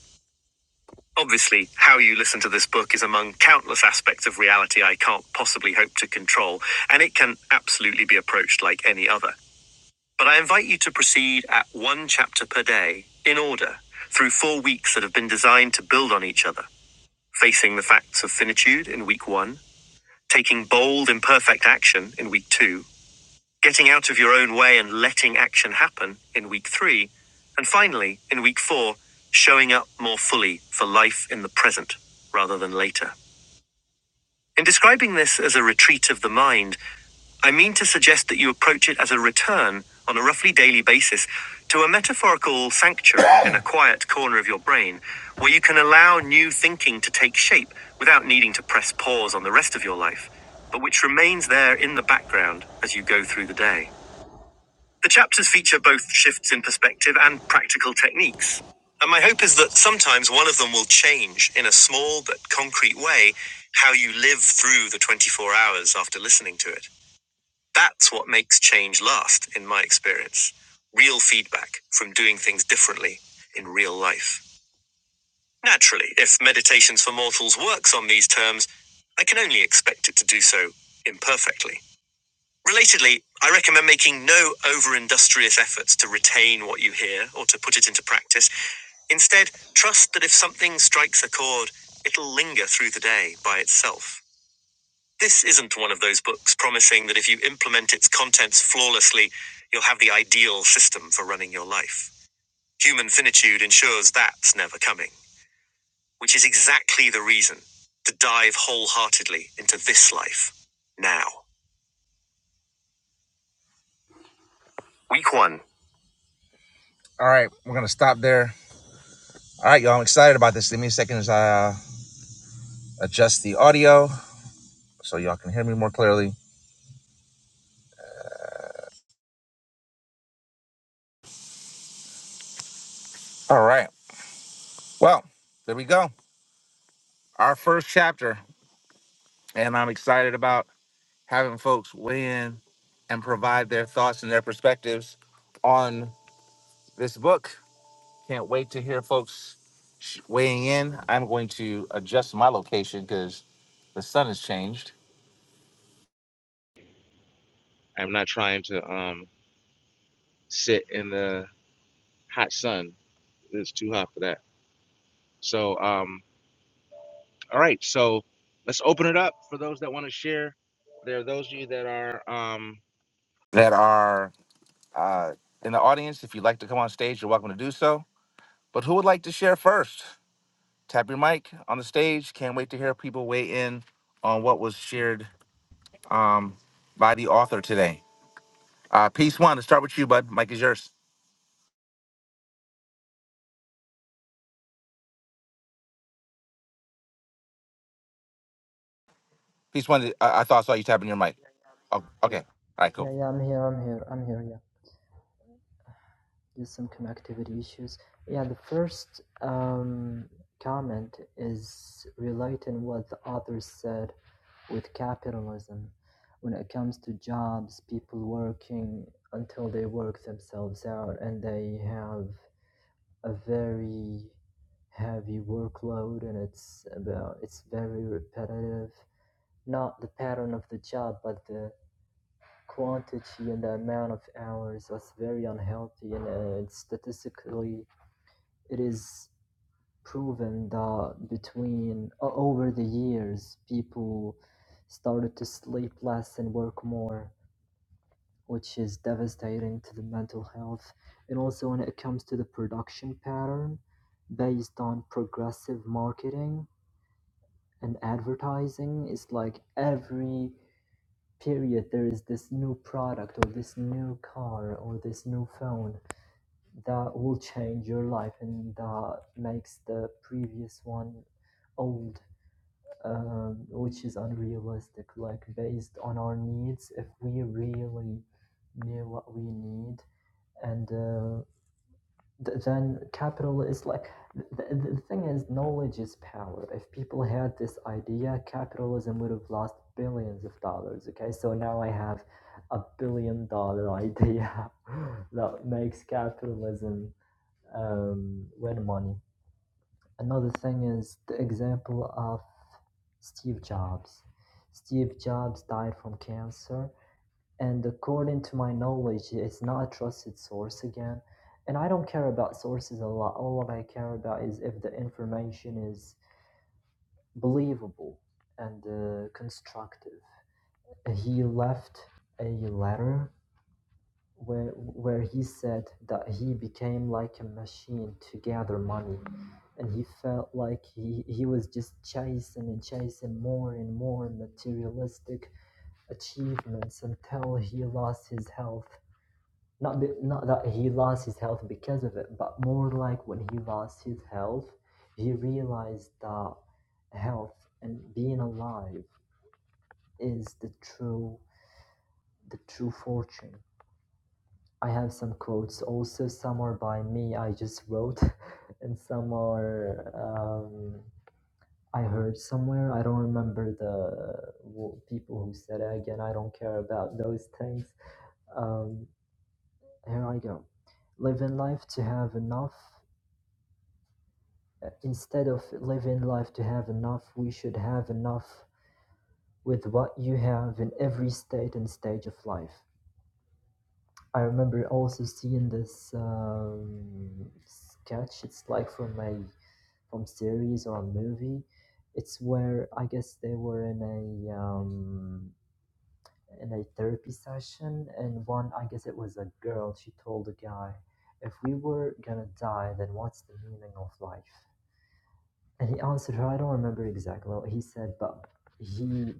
Speaker 1: Obviously, how you listen to this book is among countless aspects of reality I can't possibly hope to control, and it can absolutely be approached like any other. But I invite you to proceed at one chapter per day, in order, through four weeks that have been designed to build on each other. Facing the facts of finitude in week one, taking bold, imperfect action in week two, getting out of your own way and letting action happen in week three, and finally, in week four, showing up more fully for life in the present rather than later. In describing this as a retreat of the mind, I mean to suggest that you approach it as a return on a roughly daily basis to a metaphorical sanctuary in a quiet corner of your brain where you can allow new thinking to take shape without needing to press pause on the rest of your life, but which remains there in the background as you go through the day. The chapters feature both shifts in perspective and practical techniques. And my hope is that sometimes one of them will change in a small but concrete way how you live through the 24 hours after listening to it. That's what makes change last, in my experience. Real feedback from doing things differently in real life. Naturally, if Meditations for Mortals works on these terms, I can only expect it to do so imperfectly. Relatedly, I recommend making no over industrious efforts to retain what you hear or to put it into practice. Instead, trust that if something strikes a chord, it'll linger through the day by itself. This isn't one of those books promising that if you implement its contents flawlessly, you'll have the ideal system for running your life. Human finitude ensures that's never coming, which is exactly the reason to dive wholeheartedly into this life now. Week one. All right, we're going to stop there All right, y'all. I'm excited about this. Give me a second as I uh, adjust the audio so y'all can hear me more clearly. All right. Well, there we go. Our first chapter. And I'm excited about having folks weigh in and provide their thoughts and their perspectives on this book. Can't wait to hear folks sh- weighing in. I'm going to adjust my location because the sun has changed. I'm not trying to um, sit in the hot sun. It's too hot for that. So, um, All right, so let's open it up for those that want to share. There are those of you that are um that are uh in the audience. If you'd like to come on stage, you're welcome to do so. But who would like to share first? Tap your mic on the stage. Can't wait to hear people weigh in on what was shared um by the author today. Uh piece one, let's start with you, bud. Mic is yours. Piece one, I, I thought I saw you tapping your mic. Oh, okay. All right,
Speaker 5: Yeah,
Speaker 1: cool.
Speaker 5: yeah, I'm here. I'm here. I'm here. Yeah. There's some connectivity issues. Yeah, the first um, comment is relating what the author said with capitalism. When it comes to jobs, people working until they work themselves out and they have a very heavy workload and it's about it's very repetitive. Not the pattern of the job, but the quantity and the amount of hours that's very unhealthy and uh, it's statistically it is proven that between o- over the years people started to sleep less and work more which is devastating to the mental health and also when it comes to the production pattern based on progressive marketing and advertising it's like every period there is this new product or this new car or this new phone that will change your life and that makes the previous one old um, which is unrealistic like based on our needs if we really knew what we need and uh, th- then capital is like the, the, the thing is knowledge is power if people had this idea capitalism would have lost billions of dollars okay so now i have a billion dollar idea that makes capitalism um, win money. Another thing is the example of Steve Jobs. Steve Jobs died from cancer, and according to my knowledge, it's not a trusted source again. And I don't care about sources a lot. All I care about is if the information is believable and uh, constructive. He left a letter where where he said that he became like a machine to gather money and he felt like he, he was just chasing and chasing more and more materialistic achievements until he lost his health not be, not that he lost his health because of it but more like when he lost his health he realized that health and being alive is the true the true fortune I have some quotes also. Some are by me, I just wrote, and some are um, I heard somewhere. I don't remember the w- people who said it again. I don't care about those things. Um, here I go. Living life to have enough. Uh, Instead of living life to have enough, we should have enough with what you have in every state and stage of life. I remember also seeing this um, sketch. It's like from a from series or a movie. It's where I guess they were in a um, in a therapy session, and one I guess it was a girl. She told the guy, "If we were gonna die, then what's the meaning of life?" And he answered her, "I don't remember exactly what he said, but he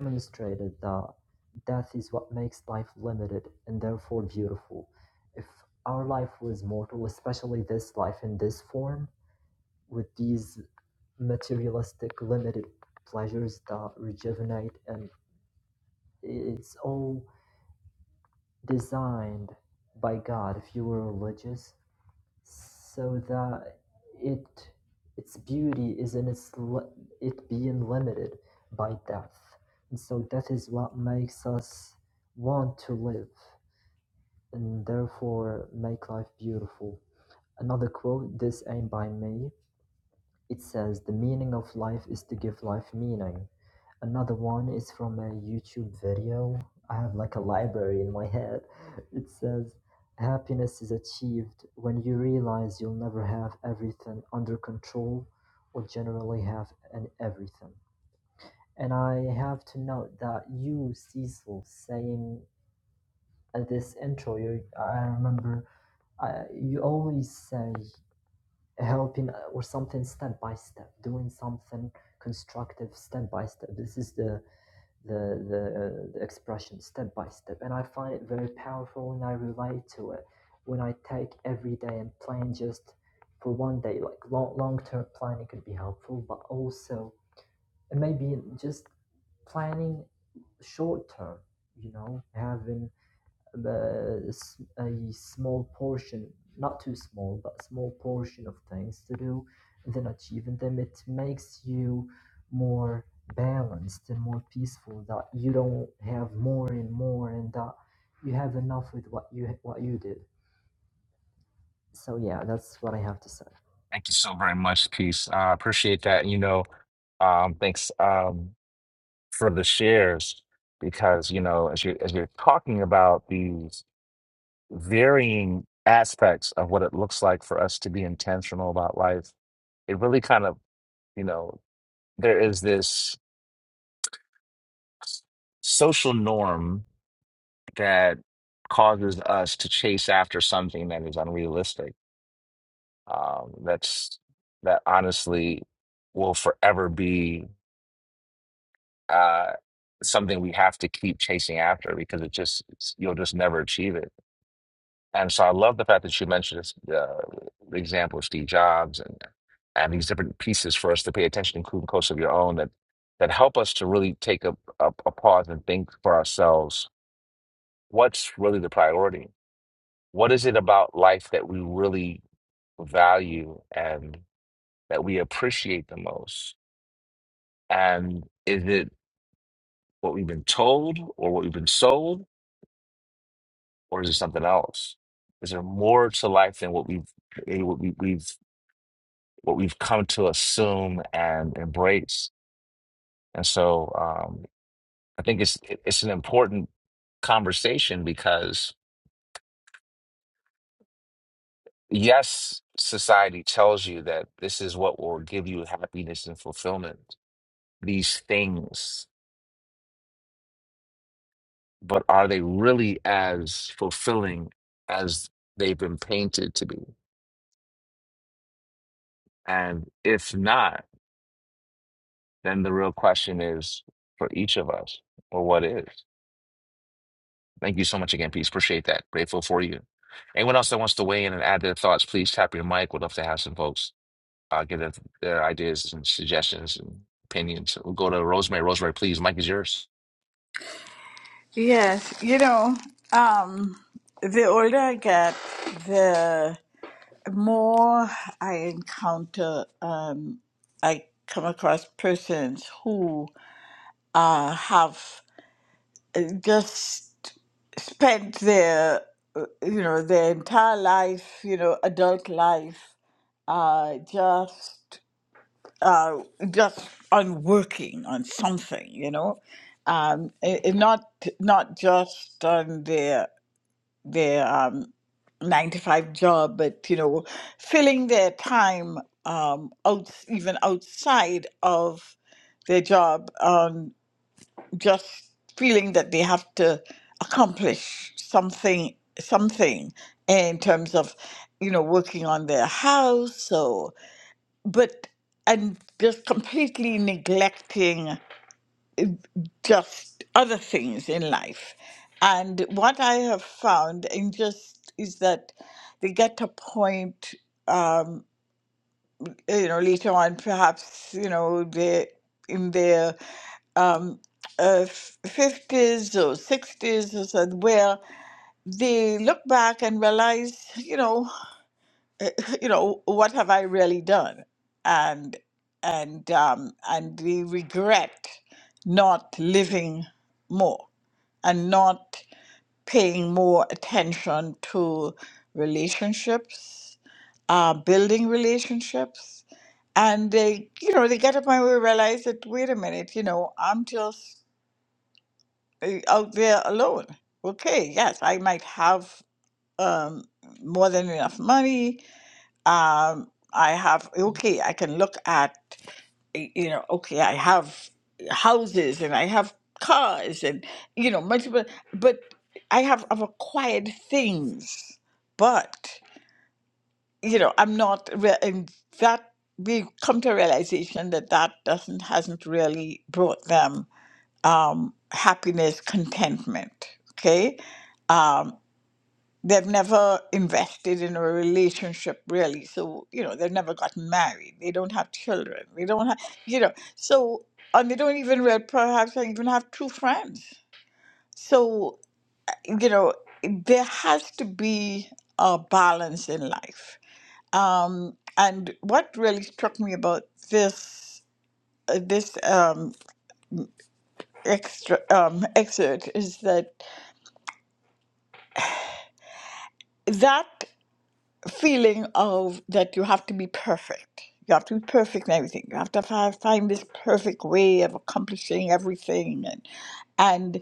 Speaker 5: demonstrated that death is what makes life limited and therefore beautiful. If our life was mortal, especially this life in this form." with these materialistic limited pleasures that rejuvenate and it's all designed by god if you were religious so that it its beauty is in its li- it being limited by death and so that is what makes us want to live and therefore make life beautiful another quote this ain't by me It says the meaning of life is to give life meaning. Another one is from a YouTube video. I have like a library in my head. It says happiness is achieved when you realize you'll never have everything under control or generally have an everything. And I have to note that you, Cecil, saying at this intro, you, I remember I, you always say helping uh, or something step by step doing something constructive step by step this is the the, the uh, the expression step by step and i find it very powerful and i relate to it when i take every day and plan just for one day like long long term planning could be helpful but also and maybe just planning short term you know having the a small portion, not too small, but a small portion of things to do, and then achieving them, it makes you more balanced and more peaceful. That you don't have more and more, and that you have enough with what you what you did. So yeah, that's what I have to say.
Speaker 1: Thank you so very much, Peace. I appreciate that. You know, um, thanks. Um, for the shares because you know as you as you're talking about these varying aspects of what it looks like for us to be intentional about life it really kind of you know there is this social norm that causes us to chase after something that is unrealistic um that's that honestly will forever be uh something we have to keep chasing after because it just it's- you'll just never achieve it And so I love the fact that you mentioned this, uh, the example of Steve Jobs and and these different pieces for us to pay attention, including Coast of Your Own, that that help us to really take a, a, a pause and think for ourselves what's really the priority? What is it about life that we really value and that we appreciate the most? And is it what we've been told or what we've been sold, or is it something else? Is there more to life than what we've, eh, what we, we've what we've come to assume and embrace. And so um, I think it's it's an important conversation because yes, society tells you that this is what will give you happiness and fulfillment, these things, but are they really as fulfilling as they've been painted to be? And if not, then the real question is for each of us, well, what is? Thank you so much again, Peace. Appreciate that. Grateful for you. Anyone else that wants to weigh in and add their thoughts, please tap your mic. We'd love to have some folks uh, give their, their ideas and suggestions and opinions. We'll go to Rosemary. Rosemary, please. Mic is yours.
Speaker 2: Yes, you know, um, the older I get, the more I encounter, um, I come across persons who uh, have. just spent their uh, you know their entire life you know adult life uh just uh just on working on something you know um i- i- not not just on their their um nine to five job but you know filling their time um out even outside of their job just feeling that they have to accomplish something something in terms of you know working on their house or but and just completely neglecting just other things in life and what i have found in just is that they get to a point um, you know later on perhaps you know they in their um, uh, 50s or 60s or so where they look back and realize you know you know what have i really done and and um, and they regret not living more and not paying more attention to relationships uh, building relationships. And they, you know, they get up and we realize that, wait a minute, you know, I'm just uh, out there alone. Okay, yes, I might have um, more than enough money. Um, I have, okay, I can look at, y- you know, okay, I have houses and I have cars and, you know, multiple, but I have, I've acquired things. But you know, I'm not re- and that we come to a realization that that doesn't hasn't really brought them um, happiness, contentment. Okay, um, they've never invested in a relationship really, so you know they've never gotten married. They don't have children. They don't have you know so and they don't even real perhaps don't even have true friends. So you know there has to be a balance in life um, and what really struck me about this uh, this um, extra um, excerpt is that that feeling of that you have to be perfect. You have to be perfect in everything. You have to fi- find this perfect way of accomplishing everything, and and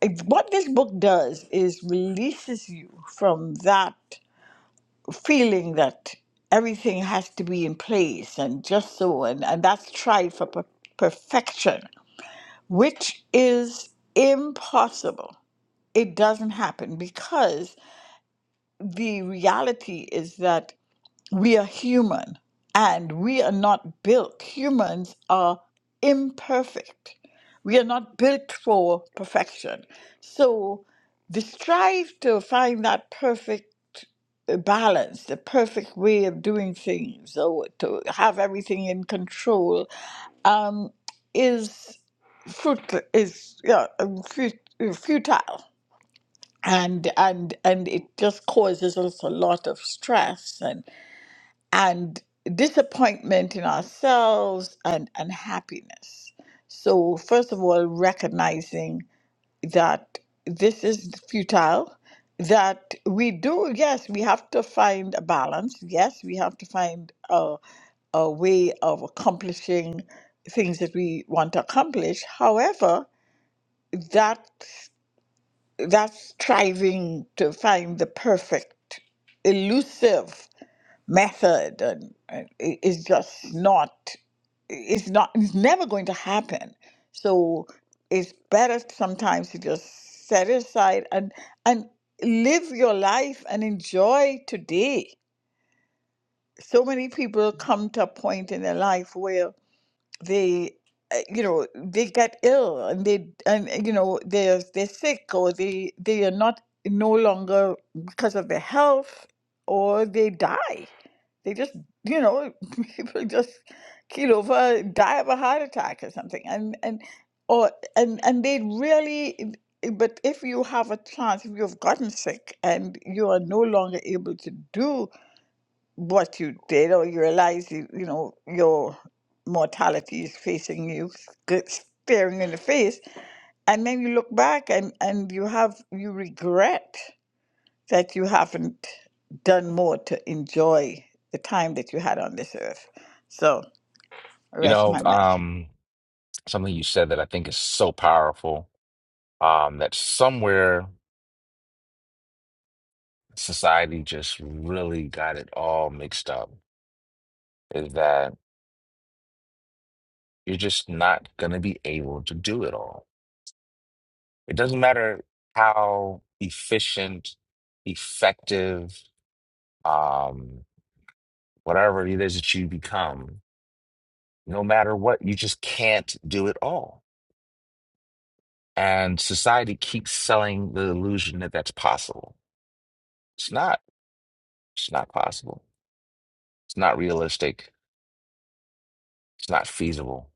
Speaker 2: it's- what this book does is releases you from that feeling that everything has to be in place and just so and, and that's tried for per- perfection which is impossible. It doesn't happen because the reality is that we are human and we are not built. Humans are imperfect. We are not built for perfection. So the strive to find that perfect uh, balance, the perfect way of doing things, or to have everything in control um, is fruit is yeah, um, fut- uh, futile and and and it just causes us a lot of stress and and disappointment in ourselves and unhappiness so first of all recognizing that this is futile, that we do, yes, we have to find a balance. Yes, we have to find a, a way of accomplishing things that we want to accomplish. However, that that's striving to find the perfect, elusive method and, and it- it's just not it's not it's never going to happen so it's better sometimes to just set it aside and and live your life and enjoy today so many people come to a point in their life where they uh, you know they get ill and they and uh, you know they're they're sick or they they are not no longer because of their health or they die they just you know people just keel over die of a heart attack or something and and or and and they really but if you have a chance if you've gotten sick and you are no longer able to do what you did or you realize you, you know your mortality is facing you sc- staring in the face and then you look back and and you have you regret that you haven't done more to enjoy the time that you had on this earth so I
Speaker 1: You
Speaker 2: rest
Speaker 1: know,
Speaker 2: my mic
Speaker 1: um, something you said that I think is so powerful um, that somewhere society just really got it all mixed up is that you're just not going to be able to do it all. It doesn't matter how efficient, effective, um, whatever it is that you become, no matter what, you just can't do it all. And society keeps selling the illusion that that's possible. It's not. It's not possible. It's not realistic. It's not feasible.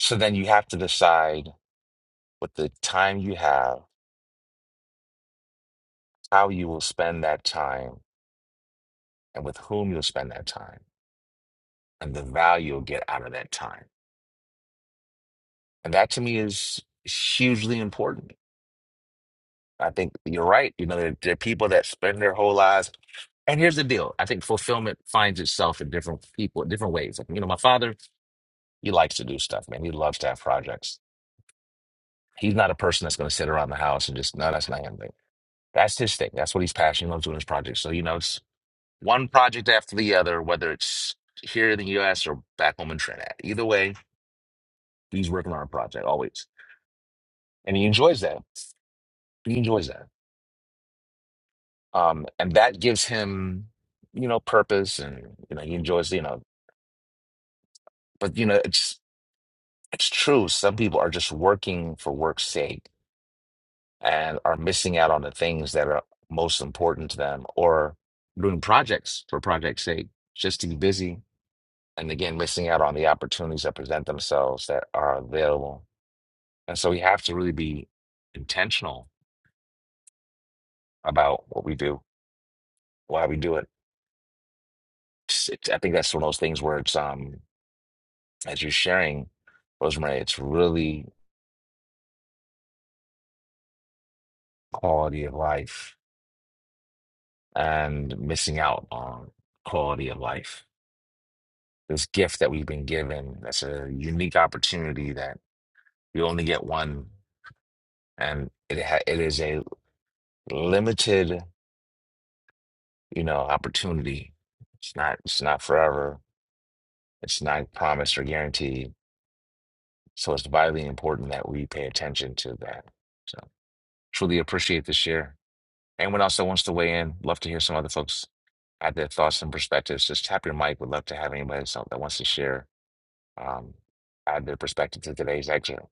Speaker 1: So then you have to decide with the time you have, how you will spend that time, and with whom you'll spend that time, and the value you'll get out of that time. And that to me is hugely important I think you're right. You know, there, there are people that spend their whole lives. And here's the deal. I think fulfillment finds itself in different people, in different ways. Like, you know, my father, he likes to do stuff, man. He loves to have projects. He's not a person that's going to sit around the house and just, no, that's not him. Like, That's his thing. That's what he's passionate. He loves doing his projects. So, you know, it's one project after the other, whether it's here in the US or back home in Trinidad. Either way, he's working on a project always. And he enjoys that. He enjoys that. um, and that gives him, you know, purpose, and you know, he enjoys, you know, but you know, it's it's true. Some people are just working for work's sake and are missing out on the things that are most important to them, or doing projects for project's sake, just to be busy, and again, missing out on the opportunities that present themselves that are available. And so we have to really be intentional about what we do, why we do it. It's, it's, I think that's one of those things where it's um as you're sharing, Rosemary, it's really quality of life and missing out on quality of life. This gift that we've been given, that's a unique opportunity that we only get one, and it ha it is a limited, you know, opportunity. It's not it's not forever. It's not promised or guaranteed. So it's vitally important that we pay attention to that. So truly appreciate the share. Anyone else that wants to weigh in, love to hear some other folks add their thoughts and perspectives. Just tap your mic. We'd love to have anybody else that wants to share, um, add their perspective to today's excerpt.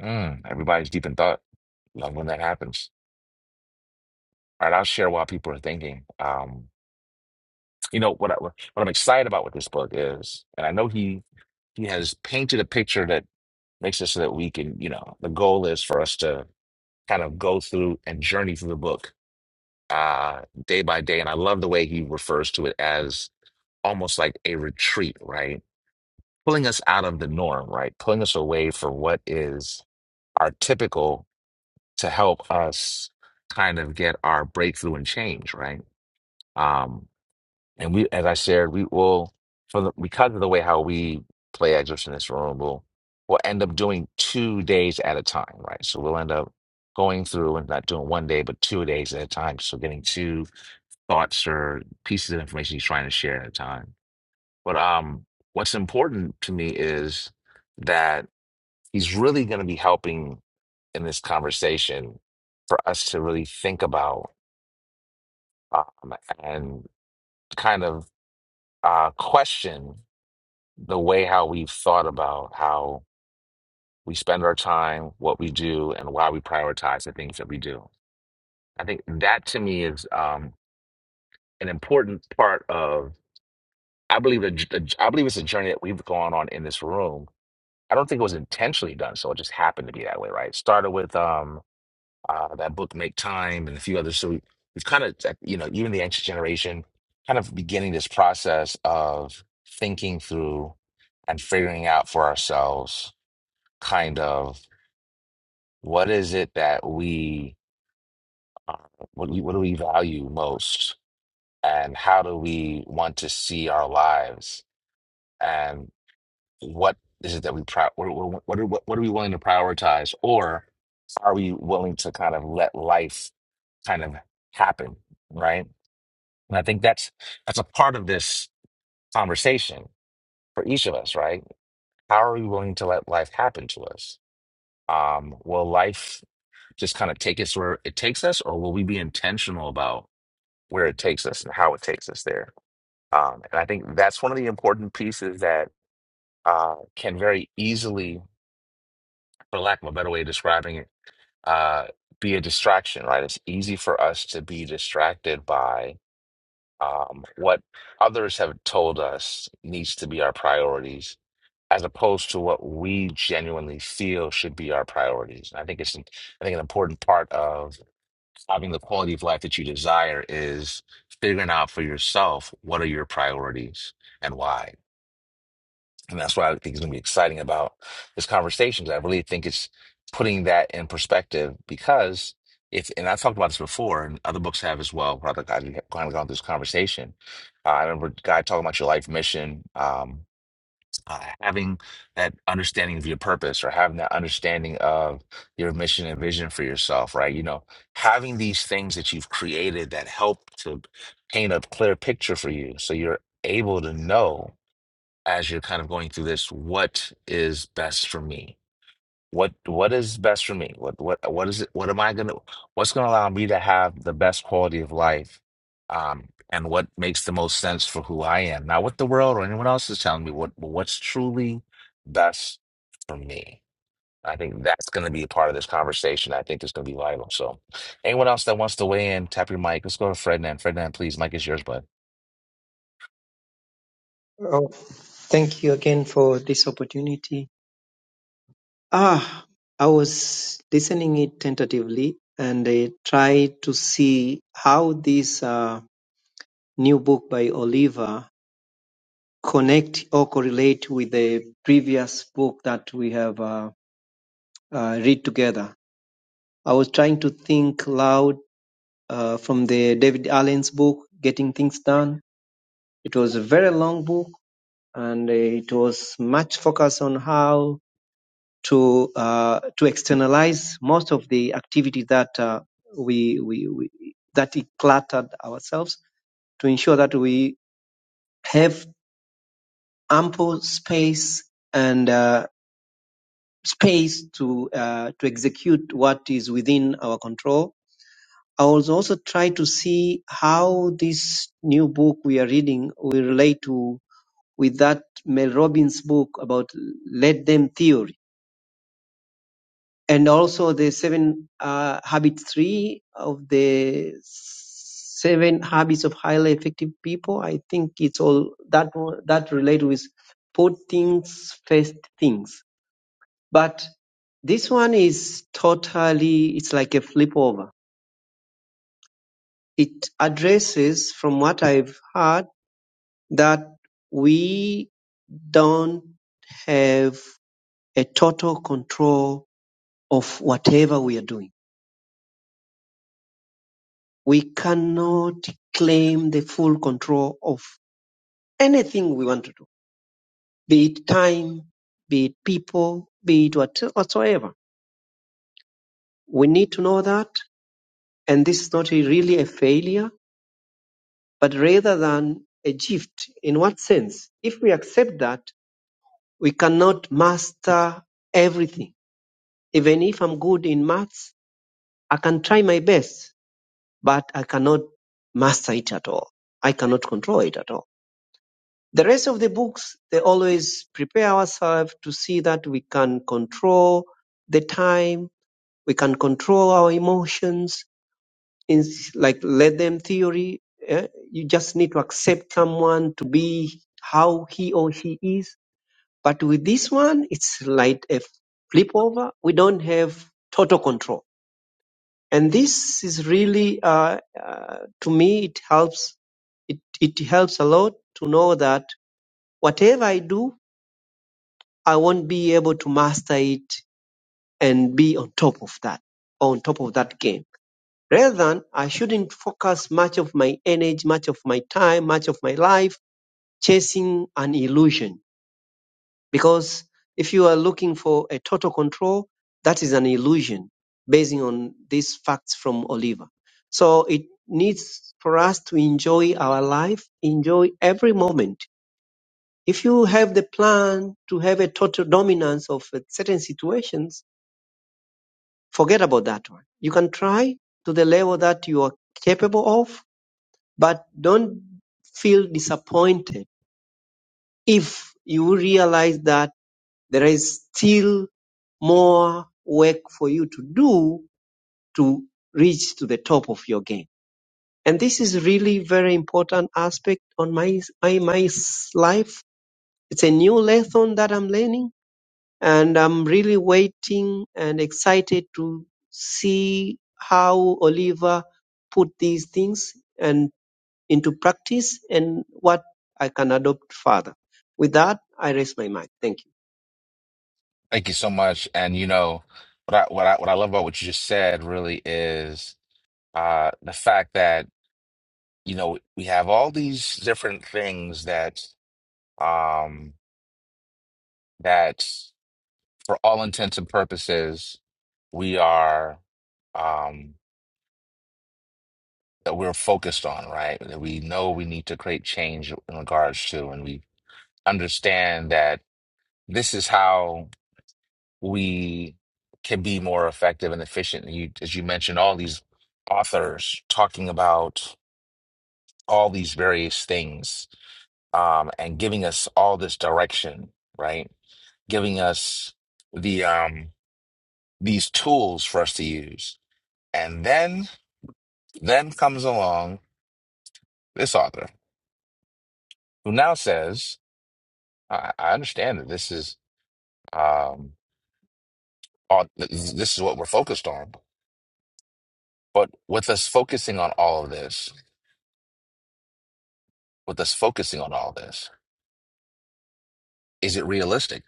Speaker 1: Mm, everybody's deep in thought. Love when that happens. All right, I'll share while people are thinking. Um, you know what? I, what I'm excited about with this book is, and I know he he has painted a picture that makes it so that we can, you know, the goal is for us to kind of go through and journey through the book uh, day by day. And I love the way he refers to it as almost like a retreat, right? pulling us out of the norm, right? Pulling us away from what is our typical to help us kind of get our breakthrough and change, right? Um, and we, as I shared, we will, for the, because of the way how we play excerpts in this room, we'll, we'll end up doing two days at a time, right? So we'll end up going through and not doing one day, but two days at a time. So getting two thoughts or pieces of information he's trying to share at a time. But um, what's important to me is that he's really going to be helping in this conversation for us to really think about um, and kind of uh, question the way how we've thought about how we spend our time, what we do, and why we prioritize the things that we do. I think that to me is um, an important part of. I believe a, j- a j- I believe it's a journey that we've gone on in this room. I don't think it was intentionally done, so it just happened to be that way, right? Started with um, uh, that book Make Time and a few others. So we- we've kind of, like, you know, even the anxious generation, kind of beginning this process of thinking through and figuring out for ourselves kind of what is it that we, uh, what, we- what do we value most and how do we want to see our lives and what is it that we, pro- what, what, what, are- what what are we willing to prioritize or are we willing to kind of let life kind of happen, right? And I think that's that's a part of this conversation for each of us, right? How are we willing to let life happen to us? Um, will life just kind of take us where it takes us, or will we be intentional about where it takes us and how it takes us there? Um, and I think that's one of the important pieces that uh, can very easily, for lack of a better way of describing it, uh, be a distraction, right? It's easy for us to be distracted by um, what others have told us needs to be our priorities, as opposed to what we genuinely feel should be our priorities. And I think it's, an- I think an important part of having the quality of life that you desire is figuring out for yourself what are your priorities and why. And that's what I think is going to be exciting about this conversation. Because I really think it's putting that in perspective because if, and I've talked about this before, and other books have as well, probably I've kind of gone through this conversation. Uh, I remember a guy talking about your life mission, um, uh, having that understanding of your purpose or having that understanding of your mission and vision for yourself, right? You know, having these things that you've created that help to paint a clear picture for you. So you're able to know as you're kind of going through this, what is best for me? What what is best for me? What what what is it? What am I gonna? What's gonna allow me to have the best quality of life? Um, and what makes the most sense for who I am? Not what the world or anyone else is telling me. What what's truly best for me? I think that's going to be a part of this conversation. I think it's going to be vital. So, anyone else that wants to weigh in, tap your mic. Let's go to Frednan. Frednan, please. Mic is yours, bud.
Speaker 6: Oh, thank you again for this opportunity. Ah, I was listening it tentatively and I tried to see how this uh, new book by Oliver connect or correlate with the previous book that we have uh, uh, read together. I was trying to think loud uh, from the David Allen's book, Getting Things Done. It was a very long book and it was much focused on how to uh, to externalize most of the activity that uh, we, we we that it cluttered ourselves to ensure that we have ample space and uh, space to uh, to execute what is within our control. I was also try to see how this new book we are reading will relate to with that Mel Robbins book about let them theory and also the seven uh, habit three of the seven habits of highly effective people. I think it's all that one- that relate with put things first things. But this one is totally it's like a flip over. It addresses, from what I've heard, that we don't have a total control of whatever we are doing we cannot claim the full control of anything we want to do, be it time, be it people, be it what, whatsoever. We need to know that, and this is not a- really a failure, but rather than a gift. In what sense? If we accept that, we cannot master everything. Even if I'm good in maths, I can try my best, but I cannot master it at all. I cannot control it at all. The rest of the books, they always prepare ourselves to see that we can control the time, we can control our emotions, in like let them theory. eh, You just need to accept someone to be how he or she is. But with this one, it's like a flip over. We don't have total control. And this is really, uh, uh, to me, it helps. It, it helps a lot to know that whatever I do, I won't be able to master it and be on top of that, on top of that game. Rather than I shouldn't focus much of my energy, much of my time, much of my life chasing an illusion. Because if you are looking for a total control, that is an illusion based on these facts from Oliver. So it needs for us to enjoy our life, enjoy every moment. If you have the plan to have a total dominance of certain situations, Forget about that one. You can try to the level that you are capable of, but don't feel disappointed if you realize that there is still more work for you to do to reach to the top of your game. And this is really very important aspect on my, my, my life. It's a new lesson that I'm learning and I'm really waiting and excited to see how Oliver put these things and into practice and what I can adopt further. With that, I raise my mic. Thank you.
Speaker 1: Thank you so much. And you know, what I what I what I love about what you just said really is uh the fact that, you know, we have all these different things that um that for all intents and purposes we are um that we're focused on, right? That we know we need to create change in regards to and we understand that this is how we can be more effective and efficient. And you, as you mentioned, all these authors talking about all these various things um, and giving us all this direction, right? Giving us the um, these tools for us to use. And then then comes along this author who now says, I, I understand that this is um, all, th- this is what we're focused on, but with us focusing on all of this, with us focusing on all this. is it realistic?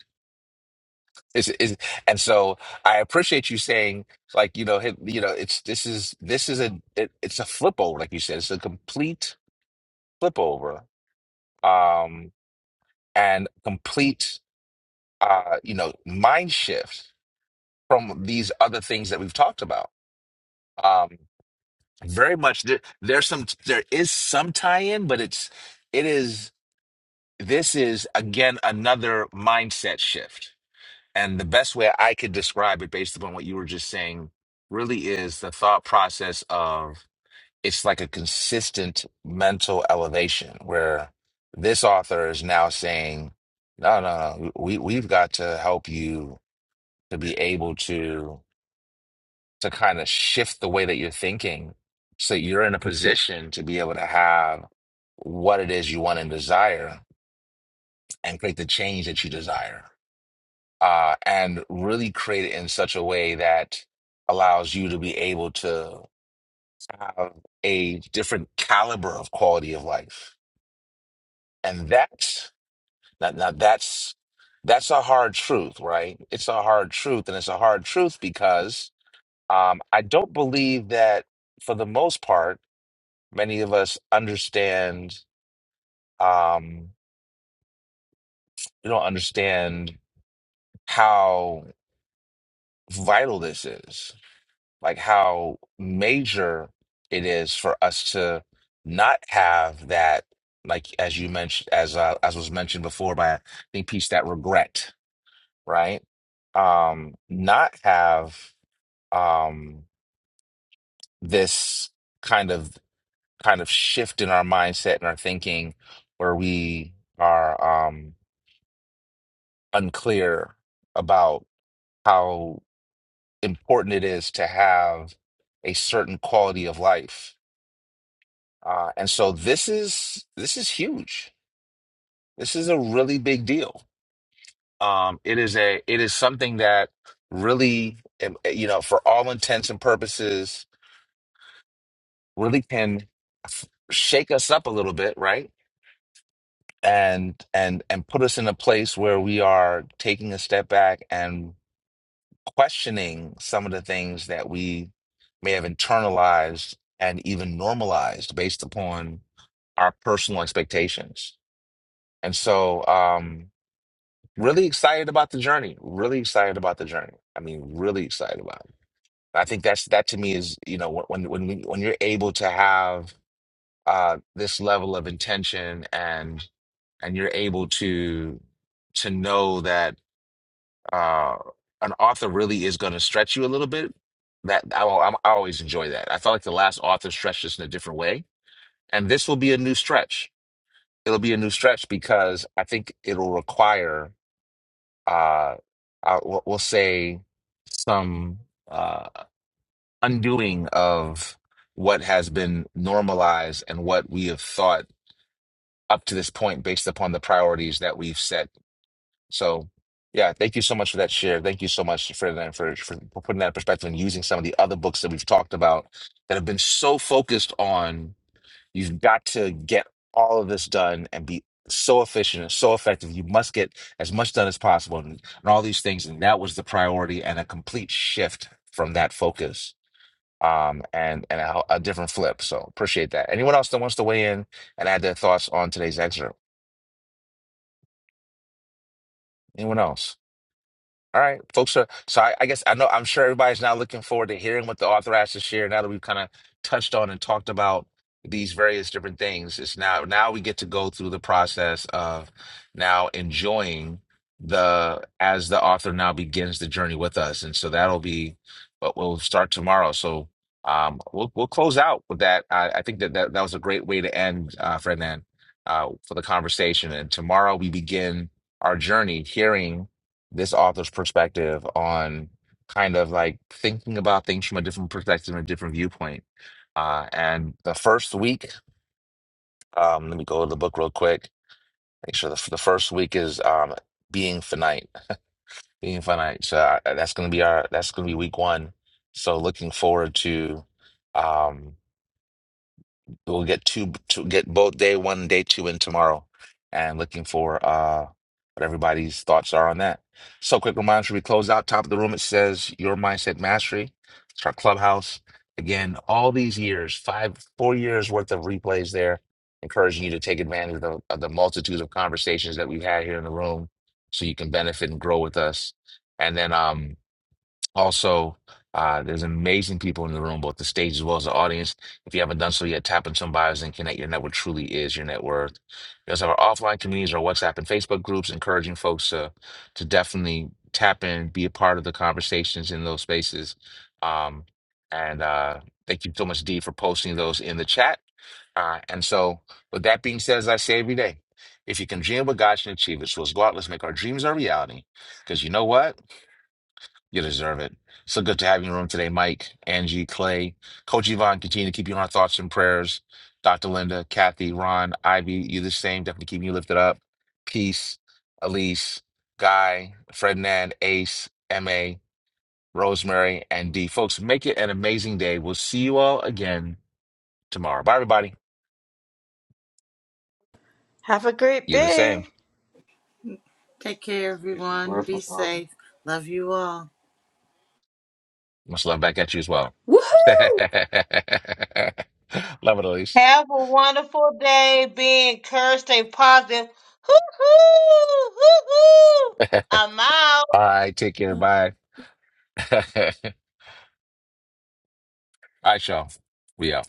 Speaker 1: Is it, is and so I appreciate you saying like you know hey, you know it's this is this is a it, it's a flip over like you said it's a complete flip over um and complete uh you know mind shift from these other things that we've talked about um very much there, there's some there is some tie-in but it's it is this is again another mindset shift And the best way I could describe it based upon what you were just saying really is the thought process of it's like a consistent mental elevation where this author is now saying, no, no, no, we, we've got to help you to be able to, to kind of shift the way that you're thinking so you're in a position to be able to have what it is you want and desire and create the change that you desire uh, and really create it in such a way that allows you to be able to have a different caliber of quality of life. And that's now, now that's that's a hard truth, right? It's a hard truth, and it's a hard truth because um, I don't believe that for the most part, many of us understand um, we don't understand how vital this is like how major it is for us to not have that, like as you mentioned, as uh, as was mentioned before by I think piece that regret, right? Um, not have um this kind of kind of shift in our mindset and our thinking where we are um unclear about how important it is to have a certain quality of life Uh, and so this is this is huge. This is a really big deal. Um, it is a it is something that really, um, eh, you know, for all intents and purposes, really can f- shake us up a little bit, right? And and and put us in a place where we are taking a step back and questioning some of the things that we may have internalized and even normalized based upon our personal expectations. And so, um, Really excited about the journey. Really excited about the journey. I mean, really excited about it. I think that's that to me is, you know, when when we, when you're able to have uh this level of intention and and you're able to to know that uh an author really is going to stretch you a little bit, that I, al- I'm- I always enjoy that. I felt like the last author stretched us in a different way, and this will be a new stretch. It'll be a new stretch because I think it'll require uh, uh we'll, we'll say some uh undoing of what has been normalized and what we have thought up to this point based upon the priorities that we've set. So yeah, thank you so much for that share. Thank you so much for that for, for putting that in perspective and using some of the other books that we've talked about that have been so focused on. You've got to get all of this done and be so efficient and so effective. You must get as much done as possible and, and all these things. And that was the priority and a complete shift from that focus um, and, and a, a different flip. So appreciate that. Anyone else that wants to weigh in and add their thoughts on today's excerpt? Anyone else? All right, folks. Are, so I, I guess I know I'm sure everybody's now looking forward to hearing what the author has to share. Now that we've kind of touched on and talked about these various different things, it's now now we get to go through the process of now enjoying the as the author now begins the journey with us, and so that'll be what we'll start tomorrow. So um, we'll we'll close out with that. I, I think that, that that was a great way to end, uh, Ferdinand, uh, for the conversation. And tomorrow we begin our journey hearing this author's perspective on kind of like thinking about things from a different perspective and a different viewpoint. Uh, and the first week, um, let me go to the book real quick. Make sure the, the first week is um, being finite, being finite. So uh, that's going to be our that's going to be week one. So looking forward to. Um, So We'll get two, two get both day one, day two, and tomorrow, and looking for uh what everybody's thoughts are on that. So, quick reminder: should we close out top of the room? It says "Your Mindset Mastery." It's our clubhouse. Again, all these years, five, four years worth of replays there, encouraging you to take advantage of the, of the multitudes of conversations that we've had here in the room, so you can benefit and grow with us. And then, um, also, uh, there's amazing people in the room, both the stage as well as the audience. If you haven't done so yet, tap on some bios and connect. Your network truly is your net worth. We also have our offline communities, our WhatsApp and Facebook groups, encouraging folks to to definitely tap in, be a part of the conversations in those spaces. Um, and uh, thank you so much, Dee, for posting those in the chat. Uh, and so, with that being said, as I say every day, if you can dream what God can achieve it, so let's go out, let's make our dreams our reality. Because you know what? You deserve it. So good to have you in the room today, Mike, Angie, Clay, Coach Yvonne. Continue to keep you in our thoughts and prayers. Dr. Linda, Kathy, Ron, Ivy, you the same. Definitely keeping you lifted up. Peace, Elise, Guy, Ferdinand, Ace, MA, Rosemary, and D. Folks, make it an amazing day. We'll see you all again tomorrow. Bye, everybody.
Speaker 2: have a great
Speaker 1: You the same.
Speaker 2: day
Speaker 3: Take care,
Speaker 7: Peace and
Speaker 3: everyone. Be
Speaker 7: blessings, Harvey.
Speaker 3: safe. Love you all.
Speaker 1: Much love back at you as well. love
Speaker 8: Woohoo!
Speaker 1: it, Elise.
Speaker 4: Have a wonderful day. Be encouraged. Stay positive. Hoo-hoo! Hoo-hoo! I'm out.
Speaker 1: All right, take care. Bye. All right, y'all. We out.